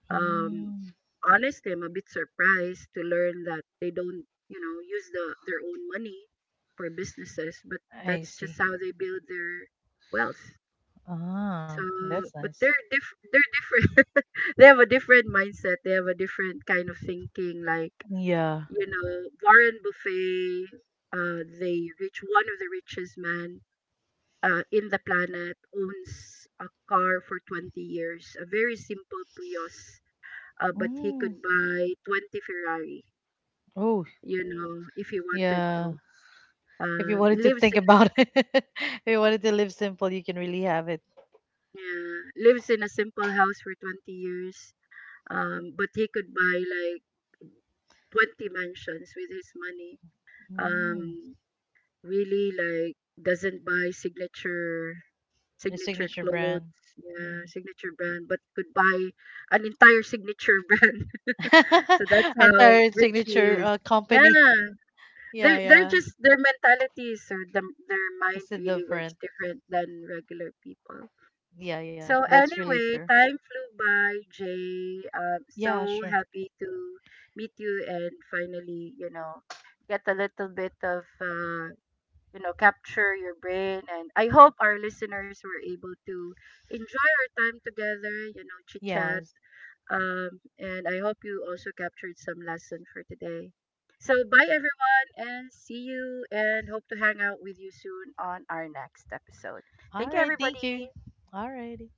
Speaker 1: Um,
Speaker 2: Mm,
Speaker 1: Honestly, I'm a bit surprised to learn that they don't, you know, use their own money for businesses, but
Speaker 2: I
Speaker 1: that's just
Speaker 2: see.
Speaker 1: how they build their wealth.
Speaker 2: Ah,
Speaker 1: So,
Speaker 2: that's
Speaker 1: but
Speaker 2: nice.
Speaker 1: they're different. (laughs) They have a different mindset. They have a different kind of thinking. Like,
Speaker 2: Yeah.
Speaker 1: you know, Warren Buffet, the rich one of the richest man in the planet, owns a car for 20 years, a very simple Prius, but he
Speaker 2: Mm.
Speaker 1: could buy 20 Ferrari,
Speaker 2: Oh.
Speaker 1: you know, if he wanted
Speaker 2: Yeah.
Speaker 1: to.
Speaker 2: If you
Speaker 1: Um,
Speaker 2: wanted to
Speaker 1: lives
Speaker 2: think
Speaker 1: in,
Speaker 2: about it, (laughs) if you wanted to live simple, you can really have it.
Speaker 1: yeah, lives in a simple house for 20 years, but he could buy like 20 mansions with his money,
Speaker 2: Mm.
Speaker 1: um really like doesn't buy
Speaker 2: A
Speaker 1: signature
Speaker 2: signature
Speaker 1: clothes,
Speaker 2: brand. Hmm.
Speaker 1: yeah, signature brand, but could buy an entire signature (laughs) brand. So that's
Speaker 2: (laughs)
Speaker 1: how
Speaker 2: Entire
Speaker 1: rich he
Speaker 2: signature
Speaker 1: is. Yeah,
Speaker 2: company. Yeah,
Speaker 1: they're
Speaker 2: yeah.
Speaker 1: just, their mentalities, or their mind
Speaker 2: It's a
Speaker 1: really works
Speaker 2: different.
Speaker 1: different than regular people.
Speaker 2: Yeah, yeah.
Speaker 1: So
Speaker 2: That's really
Speaker 1: anyway,
Speaker 2: true.
Speaker 1: time flew by, Jay. Um,
Speaker 2: Yeah,
Speaker 1: so
Speaker 2: sure.
Speaker 1: happy to meet you and finally, you know, get a little bit of, you know, capture your brain. And I hope our listeners were able to enjoy our time together, you know, chit chat.
Speaker 2: Yes.
Speaker 1: And I hope you also captured some lesson for today. So bye everyone, and see you, and hope to hang out with you soon on our next episode.
Speaker 2: All
Speaker 1: Thank you
Speaker 2: right. Thank you.
Speaker 1: everybody.
Speaker 2: All righty.